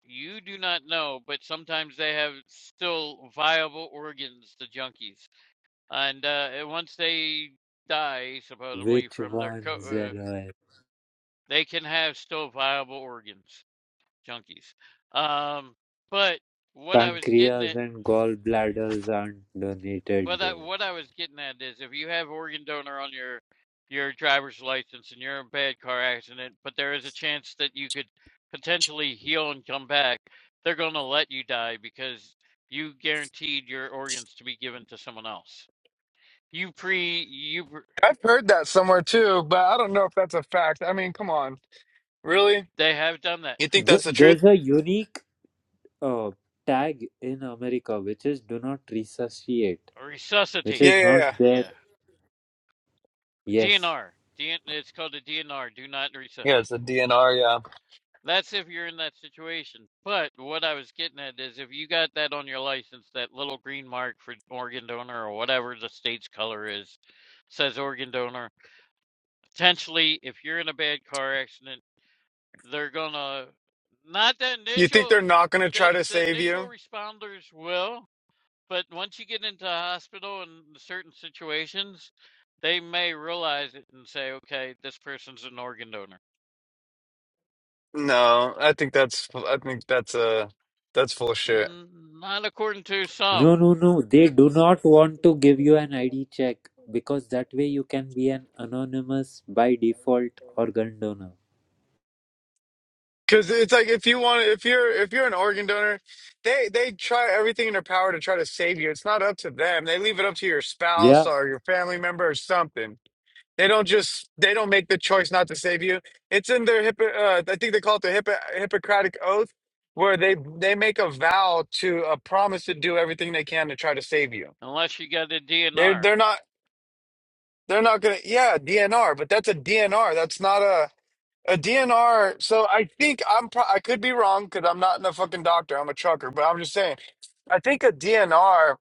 [SPEAKER 6] You do not know. But sometimes they have still viable organs, the junkies. And uh, once they die, supposedly
[SPEAKER 4] Which
[SPEAKER 6] from their co-
[SPEAKER 4] ones,
[SPEAKER 6] uh,
[SPEAKER 4] LOL?
[SPEAKER 6] they can have still viable organs, junkies. Um, but what I was getting
[SPEAKER 4] Pancreas
[SPEAKER 6] at.
[SPEAKER 4] and gallbladders aren't donated,
[SPEAKER 6] Well, that
[SPEAKER 4] dude.
[SPEAKER 6] what I was getting at is if you have organ donor on your your driver's license and you're in a bad car accident, but there is a chance that you could potentially heal and come back, they're going to let you die because you guaranteed your organs to be given to someone else. You pre you pr-
[SPEAKER 7] I've heard that somewhere too, but I don't know if that's a fact. I mean, come on. Really?
[SPEAKER 6] they have done that.
[SPEAKER 7] You think
[SPEAKER 4] Th-
[SPEAKER 7] that's the truth?
[SPEAKER 4] there's a unique uh, tag in America which is do not resuscitate, which
[SPEAKER 6] Resuscitate.
[SPEAKER 4] is
[SPEAKER 7] Yeah, yeah,
[SPEAKER 4] not
[SPEAKER 7] yeah.
[SPEAKER 4] there.
[SPEAKER 6] Yeah.
[SPEAKER 4] Yes.
[SPEAKER 6] DNR. DN, it's called a DNR. Do not resuscitate.
[SPEAKER 7] Yeah, it's a DNR, yeah.
[SPEAKER 6] That's if you're in that situation. But what I was getting at is if you got that on your license, that little green mark for organ donor or whatever the state's color is, says organ donor. Potentially, if you're in a bad car accident, they're gonna not the
[SPEAKER 7] You think
[SPEAKER 6] initial
[SPEAKER 7] they're not going to
[SPEAKER 6] the
[SPEAKER 7] try to
[SPEAKER 6] the
[SPEAKER 7] save
[SPEAKER 6] initial
[SPEAKER 7] you?
[SPEAKER 6] responders will, but once you get into the hospital in certain situations, they may realize it and say, okay, this person's an organ donor.
[SPEAKER 7] No, I think that's I think that's uh that's full of shit.
[SPEAKER 6] Mm, Not according to some.
[SPEAKER 4] No, no, no. They do not want to give you an ID check because that way you can be an anonymous by default organ donor.
[SPEAKER 7] Cuz it's like if you want if you're if you're an organ donor, they they try everything in their power to try to save you. It's not up to them. They leave it up to your
[SPEAKER 4] Yeah.
[SPEAKER 7] spouse or your family member or something. They don't just they don't make the choice not to save you. It's in their hippo uh, I think they call it the hippo Hippocratic oath, where they they make a vow to a promise to do everything they can to try to save you.
[SPEAKER 6] unless you got a
[SPEAKER 7] They're
[SPEAKER 6] DNR.
[SPEAKER 7] they're not they're not gonna yeah DNR, but that's a DNR. That's not a a DNR. So I think I'm pro- I could be wrong because I'm not a fucking doctor. I'm a trucker, but I'm just saying. I think a DNR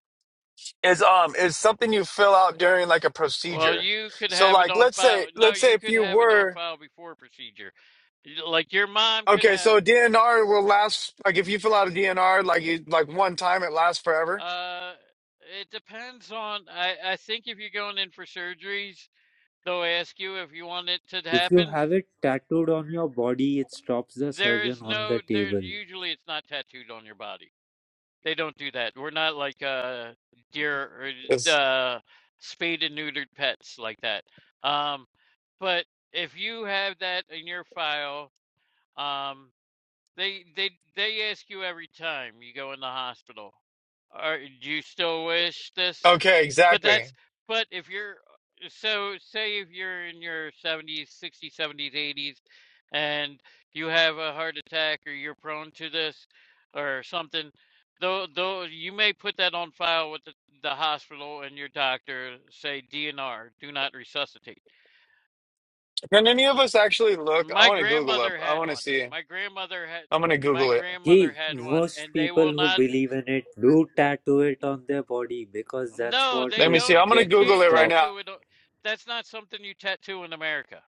[SPEAKER 7] is um is something you fill out during like a
[SPEAKER 6] Well,
[SPEAKER 7] procedure.
[SPEAKER 6] you could
[SPEAKER 7] So
[SPEAKER 6] have it
[SPEAKER 7] like
[SPEAKER 6] on
[SPEAKER 7] let's
[SPEAKER 6] file.
[SPEAKER 7] say
[SPEAKER 6] No,
[SPEAKER 7] let's say
[SPEAKER 6] you
[SPEAKER 7] if
[SPEAKER 6] could
[SPEAKER 7] you
[SPEAKER 6] have it on
[SPEAKER 7] were
[SPEAKER 6] file before procedure. You- Like your mom could
[SPEAKER 7] Okay,
[SPEAKER 6] have.
[SPEAKER 7] so DNR will last like if you fill out a DNR like you, like one time it lasts forever.
[SPEAKER 6] Uh, it depends on. I I think if you're going in for surgeries, they'll ask you if you want it to
[SPEAKER 4] If you
[SPEAKER 6] happen.
[SPEAKER 4] have it tattooed on your body, it stops the
[SPEAKER 6] There
[SPEAKER 4] surgeon
[SPEAKER 6] is
[SPEAKER 4] on
[SPEAKER 6] no.
[SPEAKER 4] the
[SPEAKER 6] There
[SPEAKER 4] table.
[SPEAKER 6] usually it's not tattooed on your body. They don't do that. We're not like uh deer or
[SPEAKER 7] It's,
[SPEAKER 6] uh spayed and neutered pets like that. Um, but if you have that in your file Um, they they they ask you every time you go in the hospital, are do you still wish this?
[SPEAKER 7] okay,
[SPEAKER 6] But
[SPEAKER 7] exactly.
[SPEAKER 6] that's but if you're uh, so say if you're in your 70s, 60s, 70s, 80s and you have a heart attack or you're prone to this or something, though though you may put that on file with the, the hospital and your doctor say DNR, do not resuscitate.
[SPEAKER 7] Can any of us actually look? I
[SPEAKER 6] My
[SPEAKER 7] want to Google up.
[SPEAKER 6] grandmother
[SPEAKER 7] I
[SPEAKER 6] had
[SPEAKER 7] want to
[SPEAKER 6] one.
[SPEAKER 7] see.
[SPEAKER 6] My grandmother had
[SPEAKER 7] I'm gonna
[SPEAKER 6] my
[SPEAKER 7] Google it.
[SPEAKER 4] Hey,
[SPEAKER 6] grandmother had one
[SPEAKER 4] most
[SPEAKER 6] and they
[SPEAKER 4] people
[SPEAKER 6] will
[SPEAKER 4] who
[SPEAKER 6] not
[SPEAKER 4] believe in it do tattoo it on their body because that's
[SPEAKER 6] No,
[SPEAKER 4] what
[SPEAKER 6] they
[SPEAKER 7] Let me
[SPEAKER 4] is
[SPEAKER 7] see.
[SPEAKER 6] don't
[SPEAKER 7] I'm gonna
[SPEAKER 4] needed
[SPEAKER 6] you
[SPEAKER 4] to
[SPEAKER 7] Google
[SPEAKER 6] can't
[SPEAKER 7] it right
[SPEAKER 4] stop.
[SPEAKER 7] now.
[SPEAKER 6] tattoo it. o- That's not something you tattoo in America.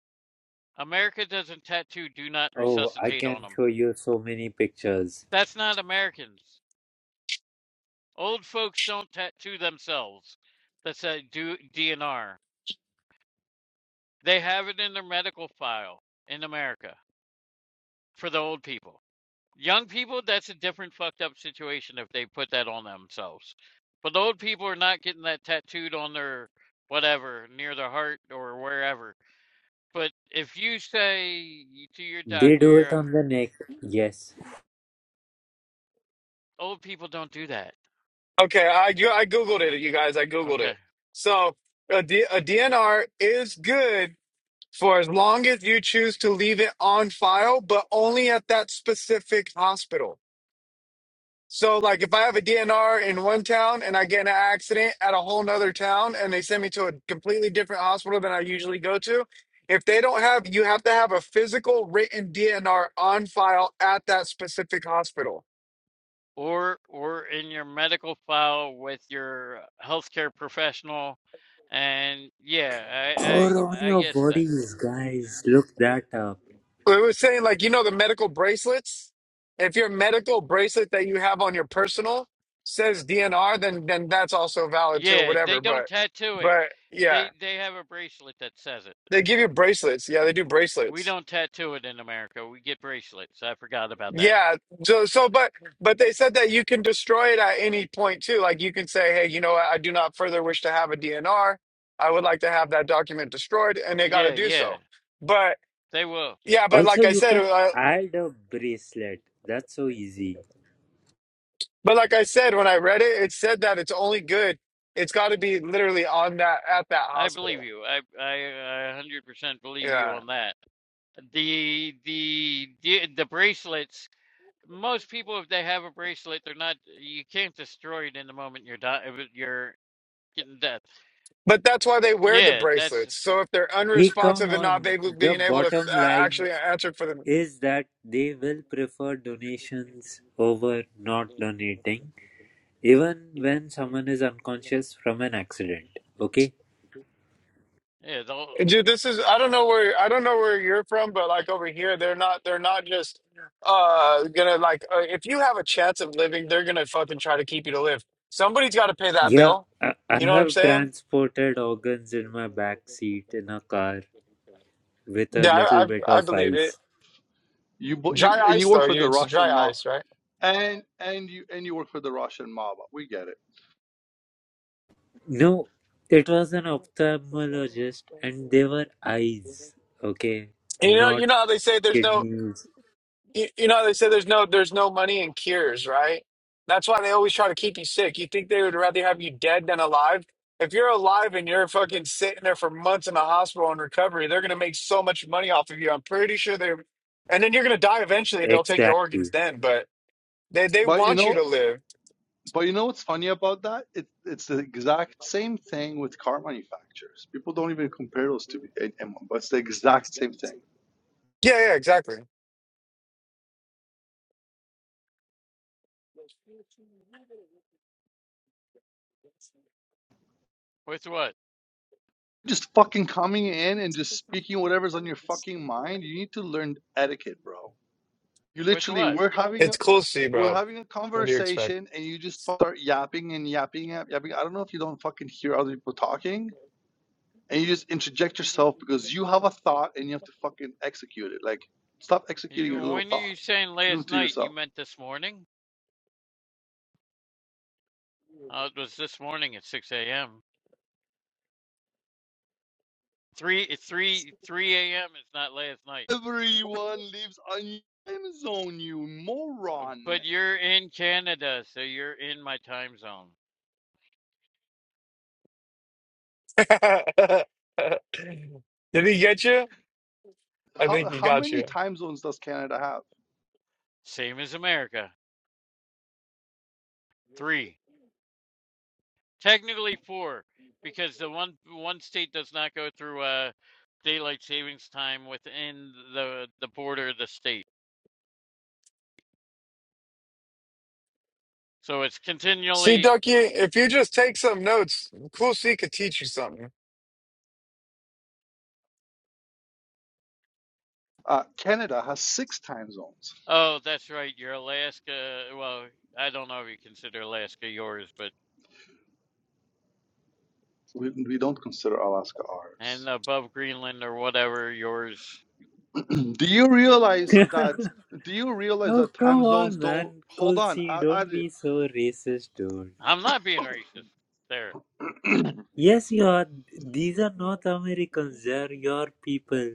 [SPEAKER 6] America doesn't tattoo do not
[SPEAKER 4] Oh, I
[SPEAKER 6] resuscitate on
[SPEAKER 4] can
[SPEAKER 6] them.
[SPEAKER 4] show you so many pictures.
[SPEAKER 6] That's not Americans. Old folks don't tattoo themselves. That's a do DNR. They have it in their medical file in America for the old people. Young people, that's a different fucked up situation if they put that on themselves. But the old people are not getting that tattooed on their whatever, near their heart or wherever. But if you say to your
[SPEAKER 4] They
[SPEAKER 6] doctor,
[SPEAKER 4] do it
[SPEAKER 6] your
[SPEAKER 4] on the neck, yes,
[SPEAKER 6] old people don't do that.
[SPEAKER 7] Okay, I you- I Googled it, you guys. I Googled
[SPEAKER 6] Okay.
[SPEAKER 7] it. So a, D, a DNR is good for as long as you choose to leave it on file, but only at that specific hospital. So, like, if I have a DNR in one town and I get in an accident at a whole nother town and they send me to a completely different hospital than I usually go to, if they don't have, you have to have a physical written DNR on file at that specific hospital.
[SPEAKER 6] Or or in your medical file with your healthcare professional and yeah, I
[SPEAKER 4] or on
[SPEAKER 6] I I
[SPEAKER 4] your
[SPEAKER 6] guess that.
[SPEAKER 4] bodies, guys. Look that up.
[SPEAKER 7] So it was saying, like, you know, the medical bracelets. If your medical bracelet that you have on your personal says DNR, then then that's also valid too, or
[SPEAKER 6] Yeah,
[SPEAKER 7] whatever.
[SPEAKER 6] they don't
[SPEAKER 7] But,
[SPEAKER 6] tattoo it.
[SPEAKER 7] but yeah,
[SPEAKER 6] They they have a bracelet that says it.
[SPEAKER 7] they give you bracelets. Yeah, they do
[SPEAKER 6] We
[SPEAKER 7] bracelets.
[SPEAKER 6] don't tattoo it in America. We get bracelets. I forgot about that.
[SPEAKER 7] Yeah. So, so, but, but they said that you can destroy it at any point too. Like you can say, hey, you know what? I do not further wish to have a DNR. I would like to have that document destroyed, and they got to
[SPEAKER 6] Yeah,
[SPEAKER 7] do
[SPEAKER 6] yeah.
[SPEAKER 7] so. But
[SPEAKER 6] They will.
[SPEAKER 7] yeah, but
[SPEAKER 4] Also,
[SPEAKER 7] like I
[SPEAKER 4] you
[SPEAKER 7] said,
[SPEAKER 4] can
[SPEAKER 7] uh,
[SPEAKER 4] add a bracelet. That's so easy.
[SPEAKER 7] but like I said, when I read it, it said that it's only good. It's got to be literally on that at that
[SPEAKER 6] I believe
[SPEAKER 7] hospital.
[SPEAKER 6] you. I I I 100% believe you
[SPEAKER 7] Yeah.
[SPEAKER 6] on that. The the the, the bracelets most people if they have a bracelet they're not you can't destroy it in the moment you're di- uh, you're getting death.
[SPEAKER 7] But that's why they wear the
[SPEAKER 6] Yeah, that's
[SPEAKER 7] bracelets. So if they're
[SPEAKER 4] Hey, come
[SPEAKER 7] unresponsive and not
[SPEAKER 4] on.
[SPEAKER 7] able,
[SPEAKER 4] The
[SPEAKER 7] being able to
[SPEAKER 4] bottom
[SPEAKER 7] uh,
[SPEAKER 4] line
[SPEAKER 7] actually answer for them,
[SPEAKER 4] is that they will prefer donations over not donating, even when someone is unconscious from an accident. Okay?
[SPEAKER 6] yeah, the,
[SPEAKER 7] Dude, this is I don't know where I don't know where you're from, but like over here, they're not they're not just uh gonna like uh, if you have a chance of living, they're gonna fucking try to keep you to live. Somebody's got to pay that
[SPEAKER 4] Yeah,
[SPEAKER 7] bill.
[SPEAKER 4] I, I
[SPEAKER 7] You know what I'm
[SPEAKER 4] have
[SPEAKER 7] saying?
[SPEAKER 4] transported organs in my back seat in a car with a
[SPEAKER 7] Yeah,
[SPEAKER 4] little
[SPEAKER 7] I
[SPEAKER 4] bit
[SPEAKER 7] I, I
[SPEAKER 4] of
[SPEAKER 7] believe it.
[SPEAKER 4] ice.
[SPEAKER 8] you bo- you
[SPEAKER 7] Dry
[SPEAKER 8] and
[SPEAKER 7] ice
[SPEAKER 8] you work
[SPEAKER 7] though,
[SPEAKER 8] for
[SPEAKER 7] you
[SPEAKER 8] the
[SPEAKER 7] it's
[SPEAKER 8] Russian
[SPEAKER 7] dry
[SPEAKER 8] mob
[SPEAKER 7] ice, right?
[SPEAKER 8] and and you and you work for the Russian mob we get it
[SPEAKER 4] No, it was an ophthalmologist, and they were eyes. Okay?
[SPEAKER 7] You know
[SPEAKER 4] Not
[SPEAKER 7] you know how they say there's no
[SPEAKER 4] kidneys.
[SPEAKER 7] You, you know, they say there's no there's no money in cures, right? That's why they always try to keep you sick. You think they would rather have you dead than alive? If you're alive and you're fucking sitting there for months in the hospital in recovery, they're gonna make so much money off of you. I'm pretty sure they're, and then you're gonna die eventually. They'll take your
[SPEAKER 4] Exactly.
[SPEAKER 7] organs then, but they they
[SPEAKER 8] but you
[SPEAKER 7] want you
[SPEAKER 8] know
[SPEAKER 7] to live.
[SPEAKER 8] But you know what's funny about that? It, it's the exact same thing with car manufacturers. People don't even compare those two a- anymore, but it's the exact same thing.
[SPEAKER 7] Yeah, yeah, exactly.
[SPEAKER 6] with what?
[SPEAKER 8] Just fucking coming in and just speaking whatever's on your fucking mind. You need to learn etiquette, bro. You
[SPEAKER 6] With
[SPEAKER 8] literally,
[SPEAKER 6] what?
[SPEAKER 8] we're having
[SPEAKER 7] It's
[SPEAKER 8] a,
[SPEAKER 7] cool to see,
[SPEAKER 8] we're
[SPEAKER 7] bro.
[SPEAKER 8] having a
[SPEAKER 7] What do you expect?
[SPEAKER 8] conversation and you just start yapping and yapping and yapping. I don't know if you don't fucking hear other people talking and you just interject yourself because you have a thought and you have to fucking execute it. Like, stop executing
[SPEAKER 6] You,
[SPEAKER 8] your little
[SPEAKER 6] when you
[SPEAKER 8] thoughts.
[SPEAKER 6] saying
[SPEAKER 8] Keep them
[SPEAKER 6] last
[SPEAKER 8] to
[SPEAKER 6] night,
[SPEAKER 8] yourself.
[SPEAKER 6] you meant this morning? Uh, it was this morning at 6 a.m. Three it's three three a.m. It's not last night.
[SPEAKER 8] Everyone lives on your time zone, you
[SPEAKER 6] Uh,
[SPEAKER 8] moron.
[SPEAKER 6] But you're in Canada, so you're in my time zone.
[SPEAKER 7] Did he get you? I
[SPEAKER 8] How
[SPEAKER 7] think he
[SPEAKER 8] how
[SPEAKER 7] got
[SPEAKER 8] many
[SPEAKER 7] you.
[SPEAKER 8] time zones does Canada have?
[SPEAKER 6] Same as America. Three. Technically four, because the one one state does not go through uh daylight savings time within the the border of the state. So it's
[SPEAKER 7] See,
[SPEAKER 6] continually
[SPEAKER 7] Ducky, if you just take some notes, Cool C could teach you something.
[SPEAKER 8] Uh, Canada has six time zones.
[SPEAKER 6] oh, that's right, you're Alaska well, I don't know if you consider Alaska yours, but
[SPEAKER 8] We, we don't consider Alaska
[SPEAKER 6] and
[SPEAKER 8] ours.
[SPEAKER 6] above Greenland or whatever yours.
[SPEAKER 8] do you realize that? Do you realize
[SPEAKER 4] oh,
[SPEAKER 8] that time
[SPEAKER 4] come
[SPEAKER 8] zones
[SPEAKER 4] on,
[SPEAKER 8] don't
[SPEAKER 4] man.
[SPEAKER 8] hold
[SPEAKER 4] Cool,
[SPEAKER 8] on?
[SPEAKER 4] see,
[SPEAKER 8] I, I
[SPEAKER 4] don't be so racist, dude.
[SPEAKER 6] I'm not being racist. there.
[SPEAKER 8] did-
[SPEAKER 4] Yes, you are. These are not Americans. They are your people.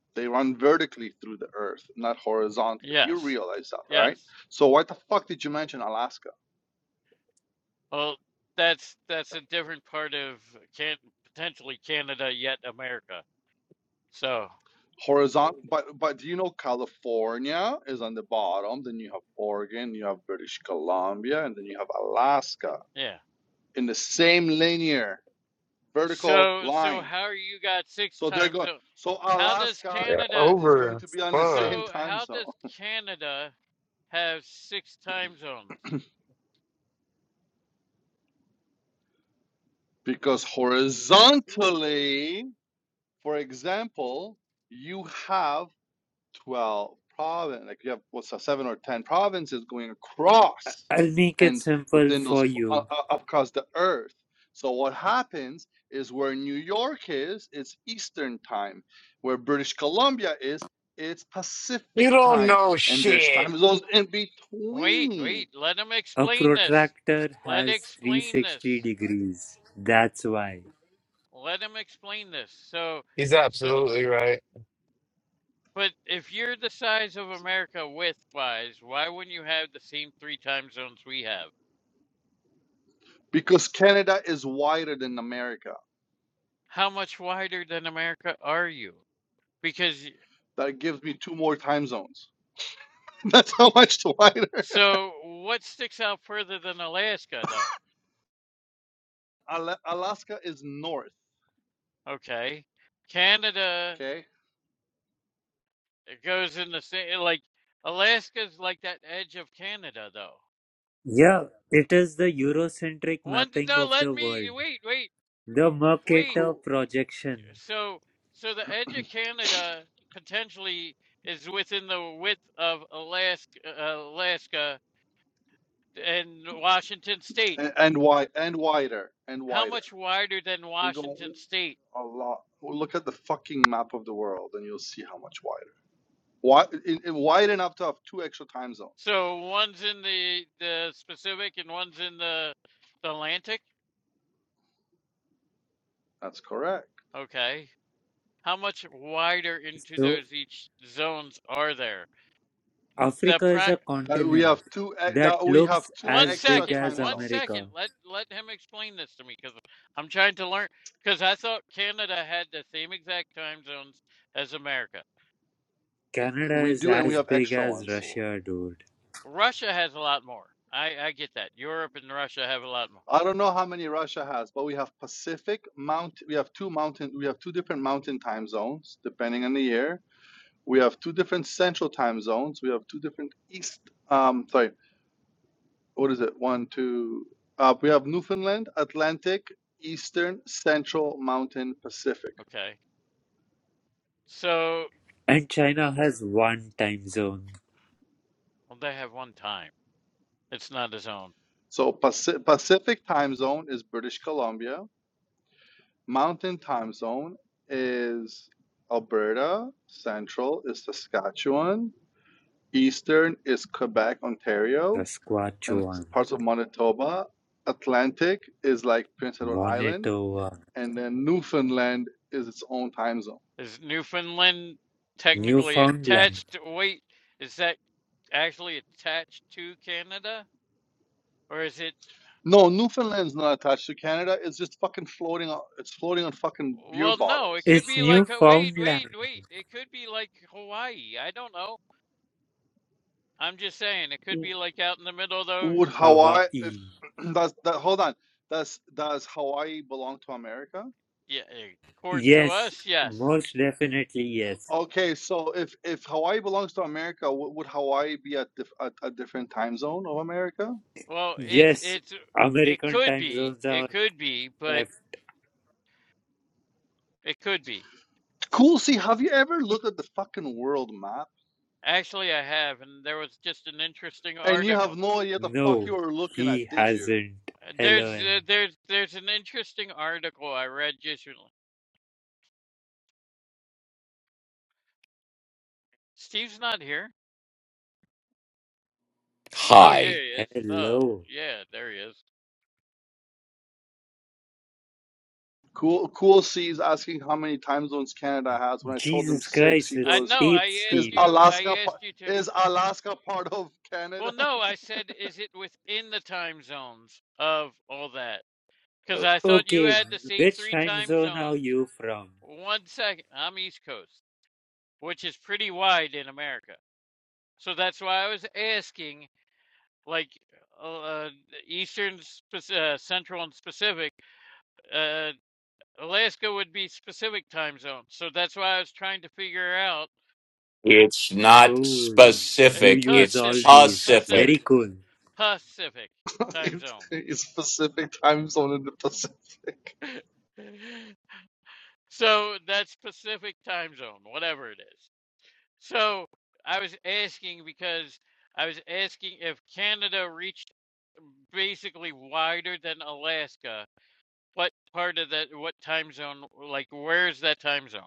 [SPEAKER 8] they run vertically through the Earth, not horizontally. You
[SPEAKER 6] Yes.
[SPEAKER 8] realize that, right?
[SPEAKER 6] Yes.
[SPEAKER 8] So why the fuck did you mention Alaska?
[SPEAKER 6] Well, that's that's a different part of can potentially Canada yet America. So,
[SPEAKER 8] horizontal but but do you know california is on the bottom then you have oregon you have british columbia and then you have alaska
[SPEAKER 6] yeah.
[SPEAKER 8] in the same linear vertical
[SPEAKER 6] So so
[SPEAKER 8] line
[SPEAKER 6] how you got six
[SPEAKER 8] so they're
[SPEAKER 6] time
[SPEAKER 8] going
[SPEAKER 6] zone?
[SPEAKER 8] so
[SPEAKER 6] How does
[SPEAKER 8] alaska
[SPEAKER 7] Yeah.
[SPEAKER 6] Canada
[SPEAKER 8] is going
[SPEAKER 7] Over.
[SPEAKER 8] to be on the
[SPEAKER 7] Fuck.
[SPEAKER 8] same
[SPEAKER 6] so
[SPEAKER 8] time
[SPEAKER 6] how
[SPEAKER 8] zone
[SPEAKER 6] does Canada have six time zones?
[SPEAKER 8] because horizontally for example you have 12 province like you have what's a seven or ten provinces going
[SPEAKER 4] I-
[SPEAKER 8] across
[SPEAKER 4] I'll make it
[SPEAKER 8] and
[SPEAKER 4] simple
[SPEAKER 8] within
[SPEAKER 4] for
[SPEAKER 8] those uh,
[SPEAKER 4] you.
[SPEAKER 8] uh, across the earth so what happens is where new york is it's eastern time where british columbia is it's
[SPEAKER 7] You
[SPEAKER 8] pacific
[SPEAKER 7] don't
[SPEAKER 8] time
[SPEAKER 7] know
[SPEAKER 8] and there's
[SPEAKER 7] shit.
[SPEAKER 8] time zones in
[SPEAKER 6] Wait,
[SPEAKER 8] between
[SPEAKER 6] wait, let him
[SPEAKER 4] A
[SPEAKER 6] explain this.
[SPEAKER 4] protractor
[SPEAKER 6] Let
[SPEAKER 4] has
[SPEAKER 6] explain
[SPEAKER 4] 360
[SPEAKER 6] this.
[SPEAKER 4] degrees. That's why.
[SPEAKER 6] Let him explain this. So
[SPEAKER 7] He's
[SPEAKER 6] So
[SPEAKER 7] absolutely right.
[SPEAKER 6] But if you're the size of America width wise, why wouldn't you have the same three time zones we have?
[SPEAKER 8] because canada is wider than america
[SPEAKER 6] How much wider than America are you? Because, y-
[SPEAKER 8] that gives me two more time zones that's how much wider
[SPEAKER 6] so what sticks out further than Alaska, though?
[SPEAKER 8] alaska is north
[SPEAKER 6] Okay. Canada
[SPEAKER 8] okay
[SPEAKER 6] it goes in the same, like, Alaska's like that edge of Canada, though.
[SPEAKER 4] Yeah, it is the Eurocentric
[SPEAKER 6] One,
[SPEAKER 4] mapping
[SPEAKER 6] no,
[SPEAKER 4] of
[SPEAKER 6] let
[SPEAKER 4] the
[SPEAKER 6] me,
[SPEAKER 4] world,
[SPEAKER 6] wait, wait,
[SPEAKER 4] the
[SPEAKER 6] wait.
[SPEAKER 4] Mercator
[SPEAKER 8] cool
[SPEAKER 4] projection.
[SPEAKER 6] So, so the edge of Canada potentially is within the width of Alaska, uh, Alaska and Washington State.
[SPEAKER 8] and, and wide and wider and
[SPEAKER 6] How
[SPEAKER 8] wider.
[SPEAKER 6] much wider than
[SPEAKER 8] We go
[SPEAKER 6] Washington State?
[SPEAKER 8] a lot. Well, Look at the fucking map of the world, and you'll see how much wider. Why, in, in wide enough to have two extra time zones.
[SPEAKER 6] So one's in the the Pacific and one's in the, the Atlantic.
[SPEAKER 8] That's correct.
[SPEAKER 6] Okay. How much wider into
[SPEAKER 4] So,
[SPEAKER 6] those each zones are there? The
[SPEAKER 4] Africa is
[SPEAKER 6] pri
[SPEAKER 4] a
[SPEAKER 8] That we
[SPEAKER 4] continent
[SPEAKER 8] have two. e-
[SPEAKER 4] that
[SPEAKER 8] That we have
[SPEAKER 4] looks
[SPEAKER 8] two
[SPEAKER 6] One
[SPEAKER 4] as
[SPEAKER 8] extra
[SPEAKER 4] big
[SPEAKER 6] second,
[SPEAKER 4] as
[SPEAKER 8] time
[SPEAKER 6] one
[SPEAKER 8] zones.
[SPEAKER 6] second.
[SPEAKER 4] America.
[SPEAKER 6] Let let him explain this to me because I'm trying to learn. Because I thought Canada had the same exact time zones as America.
[SPEAKER 4] Canada
[SPEAKER 8] We
[SPEAKER 4] is
[SPEAKER 8] do, and we
[SPEAKER 4] as
[SPEAKER 8] have
[SPEAKER 4] big
[SPEAKER 8] extra
[SPEAKER 4] as
[SPEAKER 8] ones.
[SPEAKER 6] W-
[SPEAKER 4] Russia, dude.
[SPEAKER 6] Russia has a lot more. I I get that. Europe and Russia have a lot more.
[SPEAKER 8] I don't know how many Russia has, but we have Pacific Mount. We have two mountain. We have two different mountain time zones depending on the year. We have two different central time zones. We have two different east. Um, sorry, what is it? One, two. Uh, we have Newfoundland, Atlantic, Eastern, Central, Mountain, Pacific.
[SPEAKER 6] Okay, so
[SPEAKER 4] And China has one time zone.
[SPEAKER 6] well, they have one time. It's not a zone.
[SPEAKER 8] So Paci- Pacific time zone is British Columbia. Mountain time zone is Alberta. Central is Saskatchewan. Eastern is Quebec, Ontario, and s-
[SPEAKER 4] Saskatchewan,
[SPEAKER 8] parts of Manitoba. Atlantic is like Prince Edward Island.
[SPEAKER 4] Manitoba,
[SPEAKER 8] And then Newfoundland is its own time zone.
[SPEAKER 6] Is Newfoundland technically
[SPEAKER 4] Newfoundland.
[SPEAKER 6] attached? Wait, is that actually attached to Canada, or is it?
[SPEAKER 8] No, Newfoundland's not attached to Canada. It's just fucking floating on. It's floating on fucking beer
[SPEAKER 6] Well, no, it
[SPEAKER 8] bottles.
[SPEAKER 6] could
[SPEAKER 4] It's
[SPEAKER 6] be like uh, wait, wait,
[SPEAKER 4] Newfoundland,
[SPEAKER 6] wait. It could be like Hawaii. I don't know. I'm just saying it could
[SPEAKER 8] W-
[SPEAKER 6] be like out in the middle though.
[SPEAKER 8] Would Hawaii? If
[SPEAKER 4] Hawaii.
[SPEAKER 8] does that? Hold on. Does does Hawaii belong to America?
[SPEAKER 6] Yeah, eh, according to
[SPEAKER 4] Yes,
[SPEAKER 6] us, yes.
[SPEAKER 4] most definitely yes.
[SPEAKER 8] Okay, so if if Hawaii belongs to America, w- would Hawaii be at dif- a, a different time zone of America?
[SPEAKER 6] Well, it's
[SPEAKER 4] Yes,
[SPEAKER 6] it's it
[SPEAKER 4] American
[SPEAKER 6] could
[SPEAKER 4] time
[SPEAKER 6] be.
[SPEAKER 4] zones
[SPEAKER 6] It
[SPEAKER 4] are
[SPEAKER 6] could be, but
[SPEAKER 4] F.
[SPEAKER 6] it could be.
[SPEAKER 8] Cool. See, have you ever looked at the fucking world map
[SPEAKER 6] Actually, I have and there was just an interesting
[SPEAKER 8] and you
[SPEAKER 6] article.
[SPEAKER 8] have no idea what the fuck
[SPEAKER 4] No,
[SPEAKER 8] you are looking
[SPEAKER 4] he
[SPEAKER 8] at? Did you?
[SPEAKER 4] hasn't.
[SPEAKER 6] Uh, There's
[SPEAKER 4] LOL.
[SPEAKER 6] uh, there's there's an interesting article I read just recently. Steve's not here. Oh, yeah,
[SPEAKER 9] high.
[SPEAKER 6] he is. Oh,
[SPEAKER 4] Hello.
[SPEAKER 6] yeah, there he is.
[SPEAKER 8] Cool, cool sees asking how many time zones Canada has. When I told him
[SPEAKER 4] Jesus
[SPEAKER 8] six,
[SPEAKER 4] Christ,
[SPEAKER 8] he
[SPEAKER 6] I
[SPEAKER 4] it's
[SPEAKER 8] goes,
[SPEAKER 6] know. I
[SPEAKER 4] Ape
[SPEAKER 8] "Is
[SPEAKER 6] asked
[SPEAKER 4] Steve.
[SPEAKER 6] you. I
[SPEAKER 8] Alaska part?
[SPEAKER 6] asked you to.
[SPEAKER 8] Is Alaska part of
[SPEAKER 6] Well,
[SPEAKER 8] Canada?
[SPEAKER 6] no, I said, is it within the time zones of all that? Because
[SPEAKER 4] O-
[SPEAKER 6] I thought you
[SPEAKER 4] okay,
[SPEAKER 6] had the same
[SPEAKER 4] which
[SPEAKER 6] three
[SPEAKER 4] time
[SPEAKER 6] time
[SPEAKER 4] zone are
[SPEAKER 6] zones.
[SPEAKER 4] you from?
[SPEAKER 6] One second, I'm East Coast, which is pretty wide in America. So that's why I was asking, like, uh, Eastern, Pac- uh, Central, and Pacific. Uh, Alaska would be specific time zones. So that's why I was trying to figure out
[SPEAKER 9] It's not
[SPEAKER 4] Cool.
[SPEAKER 6] is
[SPEAKER 4] You
[SPEAKER 9] specific.
[SPEAKER 4] use
[SPEAKER 9] It's
[SPEAKER 4] all
[SPEAKER 6] Pacific,
[SPEAKER 4] these. Very
[SPEAKER 6] Pacific,
[SPEAKER 9] pacific.
[SPEAKER 4] cool.
[SPEAKER 6] Pacific time
[SPEAKER 8] it's,
[SPEAKER 6] zone.
[SPEAKER 8] it's Pacific time zone in the Pacific.
[SPEAKER 6] So that's Pacific time zone, whatever it is. So I was asking because I was asking if Canada reached basically wider than Alaska, what part of that, what time zone, like where's that time zone?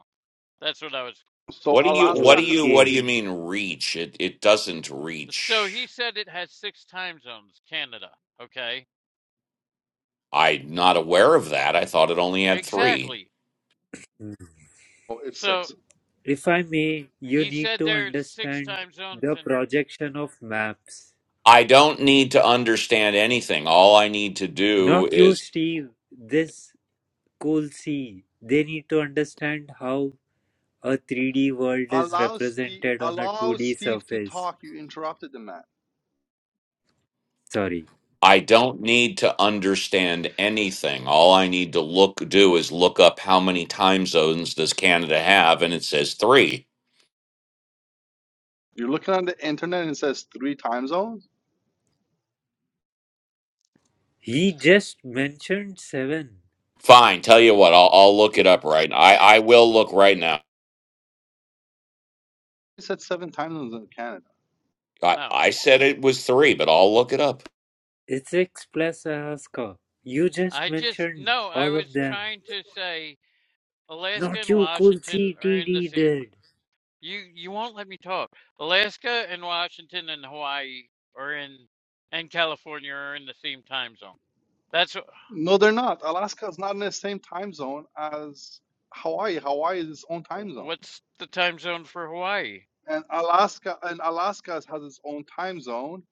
[SPEAKER 6] That's what I was.
[SPEAKER 8] So
[SPEAKER 9] What do you what
[SPEAKER 8] Alaska,
[SPEAKER 9] do you what do
[SPEAKER 4] Okay.
[SPEAKER 9] you mean reach? It it doesn't
[SPEAKER 6] So he
[SPEAKER 9] reach.
[SPEAKER 6] said it has six time zones, Canada. Okay.
[SPEAKER 9] I'm not aware of that. I thought it only had three.
[SPEAKER 6] Exactly.
[SPEAKER 8] oh, it's
[SPEAKER 6] So
[SPEAKER 8] six.
[SPEAKER 4] If I may, you
[SPEAKER 6] he
[SPEAKER 4] need
[SPEAKER 6] said
[SPEAKER 4] to
[SPEAKER 6] there's six
[SPEAKER 4] understand
[SPEAKER 6] time zones,
[SPEAKER 4] the
[SPEAKER 6] and
[SPEAKER 4] projection of maps.
[SPEAKER 9] I don't need to understand anything. All I need to do
[SPEAKER 4] Not you,
[SPEAKER 9] is
[SPEAKER 4] Steve, this cool C. They need to understand how a 3D world is
[SPEAKER 8] Allow Steve,
[SPEAKER 4] represented on a
[SPEAKER 8] allow
[SPEAKER 4] 2D
[SPEAKER 8] Steve to
[SPEAKER 4] surface.
[SPEAKER 8] talk. You interrupted the man.
[SPEAKER 4] Sorry.
[SPEAKER 9] I don't need to understand anything. All I need to look do is look up how many time zones does Canada have, and it says three.
[SPEAKER 8] You're looking on the internet and it says three time zones.
[SPEAKER 4] He just mentioned seven.
[SPEAKER 9] Fine. Tell you what, I'll, I'll look it up right. I I will look right now.
[SPEAKER 8] It said seven time zones in Canada.
[SPEAKER 9] I,
[SPEAKER 6] no.
[SPEAKER 9] I said it was three, but I'll look it up.
[SPEAKER 4] It's X plus Alaska. You just
[SPEAKER 6] I just,
[SPEAKER 4] mentioned
[SPEAKER 6] no, I
[SPEAKER 4] all of
[SPEAKER 6] was
[SPEAKER 4] them.
[SPEAKER 6] trying to say. Alaska
[SPEAKER 4] Not
[SPEAKER 6] and
[SPEAKER 4] you, cool
[SPEAKER 6] Washington
[SPEAKER 4] C.
[SPEAKER 6] are
[SPEAKER 4] T
[SPEAKER 6] in the
[SPEAKER 4] D
[SPEAKER 6] same.
[SPEAKER 4] did.
[SPEAKER 6] You you won't let me talk. Alaska and Washington and Hawaii are in, and California are in the same time zone. That's wh-
[SPEAKER 8] No, they're not. Alaska is not in the same time zone as Hawaii. Hawaii is its own time zone.
[SPEAKER 6] what's the time zone for Hawaii.
[SPEAKER 8] and Alaska and Alaska has its own time zone,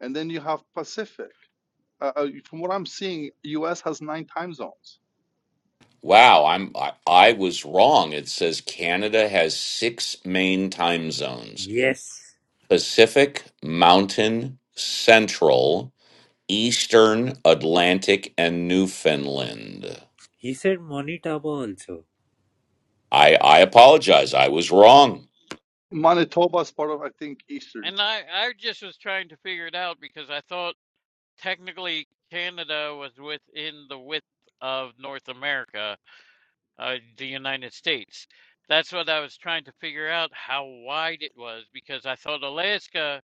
[SPEAKER 8] and then you have Pacific. Uh, uh, from what I'm seeing, U.S. has nine time zones.
[SPEAKER 9] Wow, I'm I, I was wrong. It says Canada has six main time zones:
[SPEAKER 4] Yes.
[SPEAKER 9] Pacific, Mountain, Central, Eastern, Atlantic, and Newfoundland.
[SPEAKER 4] He said Monitaba also.
[SPEAKER 9] I I apologize. I was
[SPEAKER 6] Oh,
[SPEAKER 9] wrong.
[SPEAKER 8] Manitoba is part of, I think, Eastern
[SPEAKER 6] And I I just was trying to figure it out because I thought technically Canada was within the width of North America, uh, the United States. That's what I was trying to figure out how wide it was because I thought Alaska.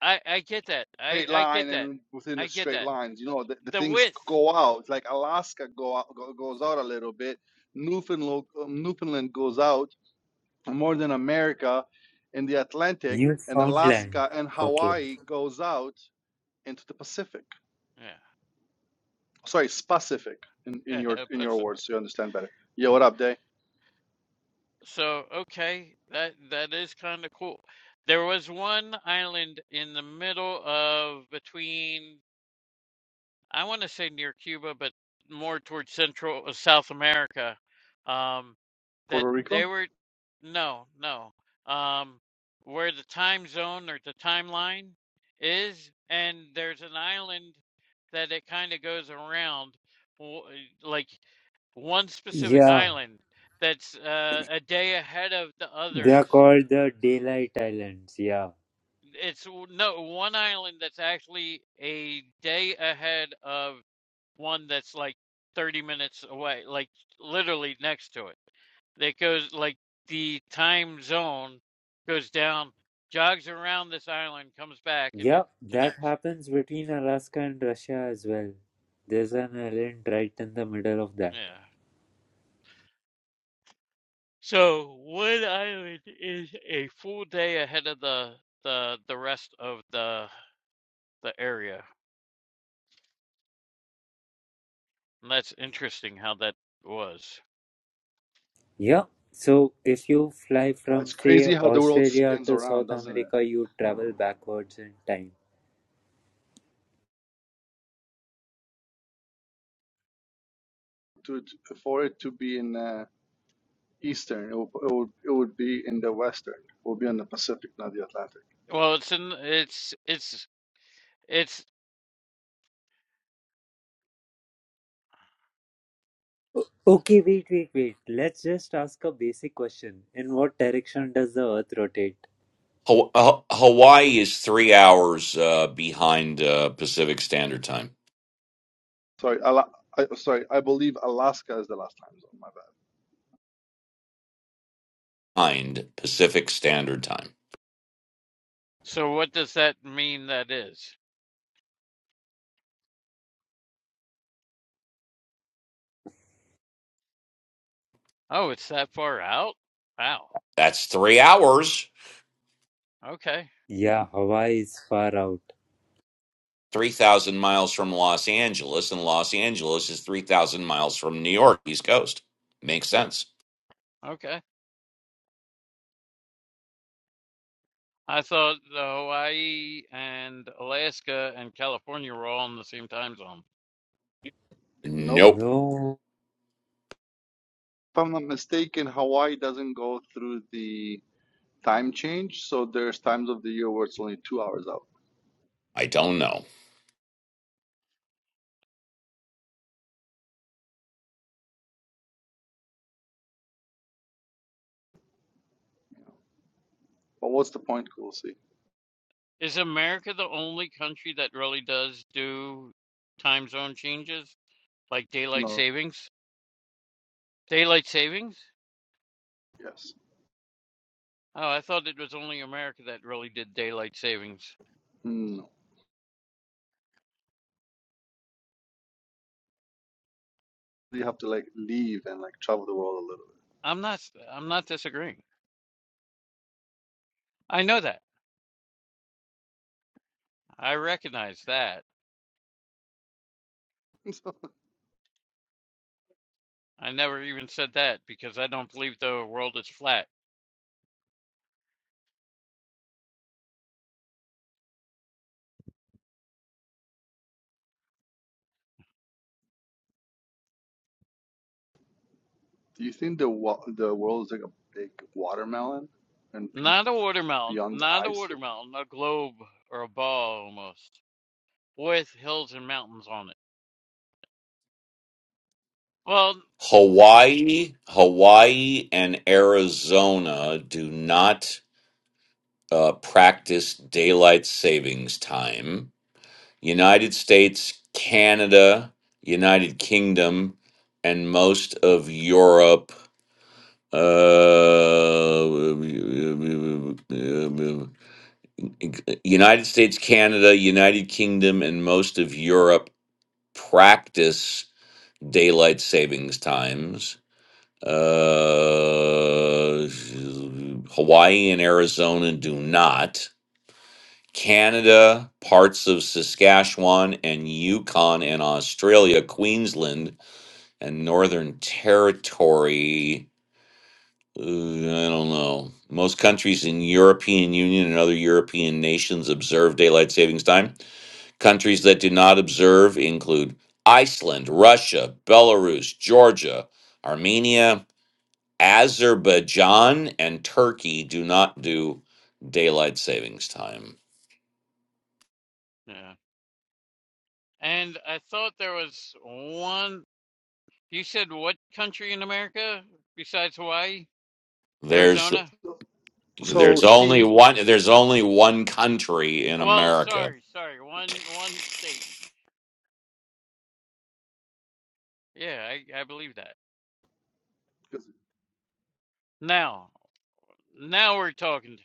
[SPEAKER 6] I I get that. I
[SPEAKER 8] straight
[SPEAKER 6] I
[SPEAKER 8] line,
[SPEAKER 6] get that.
[SPEAKER 8] and within
[SPEAKER 6] I
[SPEAKER 8] the
[SPEAKER 6] get
[SPEAKER 8] straight
[SPEAKER 6] that.
[SPEAKER 8] lines, you know, the, the
[SPEAKER 6] The
[SPEAKER 8] things
[SPEAKER 6] width.
[SPEAKER 8] go out. Like Alaska go, out, go goes out a little bit. Newfoundland um, Newfoundland goes out more than America in the Atlantic, and
[SPEAKER 4] Newfoundland.
[SPEAKER 8] Alaska and
[SPEAKER 4] Okay.
[SPEAKER 8] Hawaii goes out into the Pacific.
[SPEAKER 6] Yeah.
[SPEAKER 8] sorry, specific in, in your in your
[SPEAKER 6] Absolutely.
[SPEAKER 8] words so you understand better. Yeah, what up, Day?
[SPEAKER 6] So okay, that that is kind of cool. There was one island in the middle of between I want to say near Cuba, but more towards Central uh, South America. Um, that
[SPEAKER 8] Puerto
[SPEAKER 6] they
[SPEAKER 8] Rico?
[SPEAKER 6] were, no, no. Um, where the time zone or the timeline is, and there's an island that it kind of goes around, w- like one specific
[SPEAKER 4] Yeah,
[SPEAKER 6] island that's uh, a day ahead of the
[SPEAKER 4] they are
[SPEAKER 6] others
[SPEAKER 4] called the Daylight Islands. Yeah.
[SPEAKER 6] it's no one island that's actually a day ahead of one that's like 30 minutes away, like literally next to it. That goes like the time zone goes down, jogs around this island, comes back, and
[SPEAKER 4] Yeah,
[SPEAKER 6] it
[SPEAKER 4] that
[SPEAKER 6] connects.
[SPEAKER 4] happens between Alaska and Russia as well. There's an island right in the middle of that.
[SPEAKER 6] Yeah. So one island is a full day ahead of the the the rest of the the area. And that's interesting how that was.
[SPEAKER 4] Yeah. So if you fly from,
[SPEAKER 8] It's
[SPEAKER 4] say,
[SPEAKER 8] crazy how the world
[SPEAKER 4] Australia
[SPEAKER 8] spins
[SPEAKER 4] to
[SPEAKER 8] around,
[SPEAKER 4] South
[SPEAKER 8] doesn't it?
[SPEAKER 4] America, you travel backwards in time.
[SPEAKER 8] To, to for it to be in uh, Eastern, it would, it would it would be in the Western. It would be in the Pacific, not the Atlantic.
[SPEAKER 6] Well, it's in it's it's It's
[SPEAKER 4] O- Okay, wait, wait, wait. Let's just ask a basic question. In what direction does the Earth rotate?
[SPEAKER 9] Ha- Ha- Hawaii is three hours uh, behind uh, Pacific Standard Time.
[SPEAKER 8] Sorry, Ala- I, sorry, I believe Alaska is the last time zone. My bad.
[SPEAKER 9] Behind Pacific Standard Time.
[SPEAKER 6] so what does that mean that is? Oh, it's that far out? Wow.
[SPEAKER 9] That's three hours.
[SPEAKER 6] Okay.
[SPEAKER 4] Yeah, Hawaii is far out.
[SPEAKER 9] 3,000 miles from Los Angeles, and Los Angeles is 3,000 miles from New York, East Coast. Makes sense.
[SPEAKER 6] Okay. I thought the Hawaii and Alaska and California were all in the same time zone.
[SPEAKER 8] Nope.
[SPEAKER 9] Nope.
[SPEAKER 4] No.
[SPEAKER 8] If I'm not mistaken, Hawaii doesn't go through the time change, so there's times of the year where it's only two hours out.
[SPEAKER 9] I don't know.
[SPEAKER 8] But what's the point, Cool? See.
[SPEAKER 6] Is America the only country that really does do time zone changes like daylight
[SPEAKER 8] No.
[SPEAKER 6] savings? Daylight savings?
[SPEAKER 8] Yes.
[SPEAKER 6] Oh, I thought it was only America that really did daylight savings.
[SPEAKER 8] Hmm. you have to like leave and like travel the world a little bit.
[SPEAKER 6] I'm not I'm not disagreeing. I know that. I recognize that. I never even said that because I don't believe the world is flat.
[SPEAKER 8] So, do you think the wa- the world is like a big watermelon and be-
[SPEAKER 6] Not a watermelon,
[SPEAKER 8] beyond the
[SPEAKER 6] not a
[SPEAKER 8] ice?
[SPEAKER 6] watermelon, a globe or a ball almost, with hills and mountains on it. Well,
[SPEAKER 9] Hawaii, Hawaii, and Arizona do not uh, practice daylight savings time. United States, Canada, United Kingdom, and most of Europe. Uh, United States, Canada, United Kingdom, and most of Europe practice daylight savings times. Uh, Hawaii and Arizona do not. Canada, parts of Saskatchewan and Yukon and Australia, Queensland and Northern Territory. uh, I don't know. Most countries in European Union and other European nations observe daylight savings time Countries that do not observe include Iceland, Russia, Belarus, Georgia, Armenia, Azerbaijan, and Turkey do not do daylight savings time.
[SPEAKER 6] yeah. And I thought there was one. You said what country in America besides Hawaii?
[SPEAKER 9] There's
[SPEAKER 6] Arizona?
[SPEAKER 8] So
[SPEAKER 9] there's only
[SPEAKER 8] Steve,
[SPEAKER 9] one there's only one country in
[SPEAKER 6] Well,
[SPEAKER 9] America.
[SPEAKER 6] sorry, sorry. One one state. Yeah, I, I believe that.
[SPEAKER 8] is-
[SPEAKER 6] Now, now we're talking.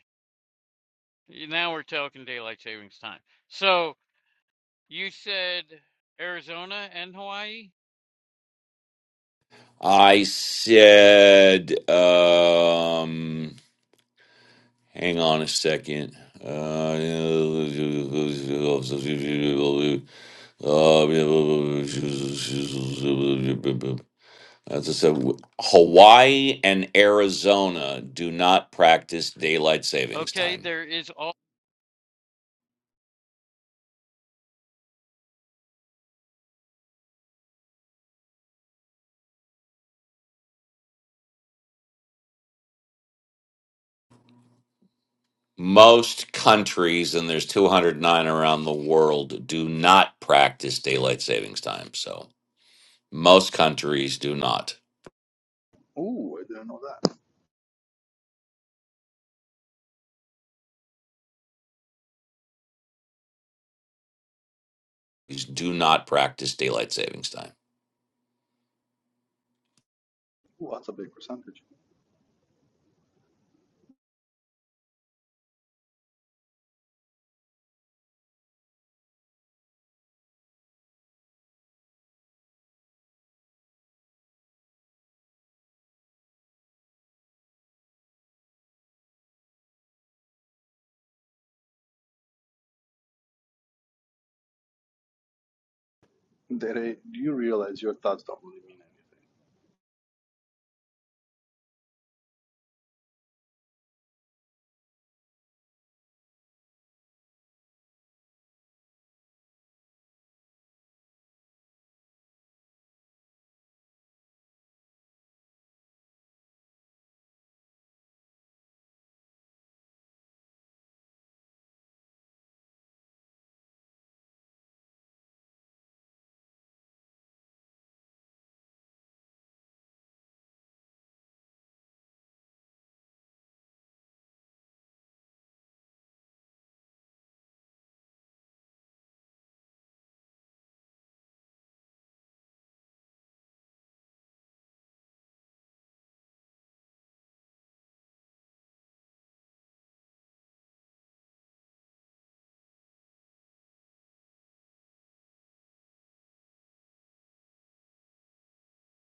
[SPEAKER 6] Now we're talking daylight savings time. So. You said Arizona and Hawaii?
[SPEAKER 9] I said um hang on a second. Uh, Uh, as I said, Hawaii and Arizona do not practice daylight savings
[SPEAKER 6] Okay,
[SPEAKER 9] time.
[SPEAKER 6] there is
[SPEAKER 9] Most countries, and there's 209 around the world, do not practice daylight savings time. So most countries do not.
[SPEAKER 8] ooh, I didn't know that.
[SPEAKER 9] Do not practice daylight savings time.
[SPEAKER 8] Ooh, that's a big percentage. Dere, do you realize your thoughts don't really mean anything?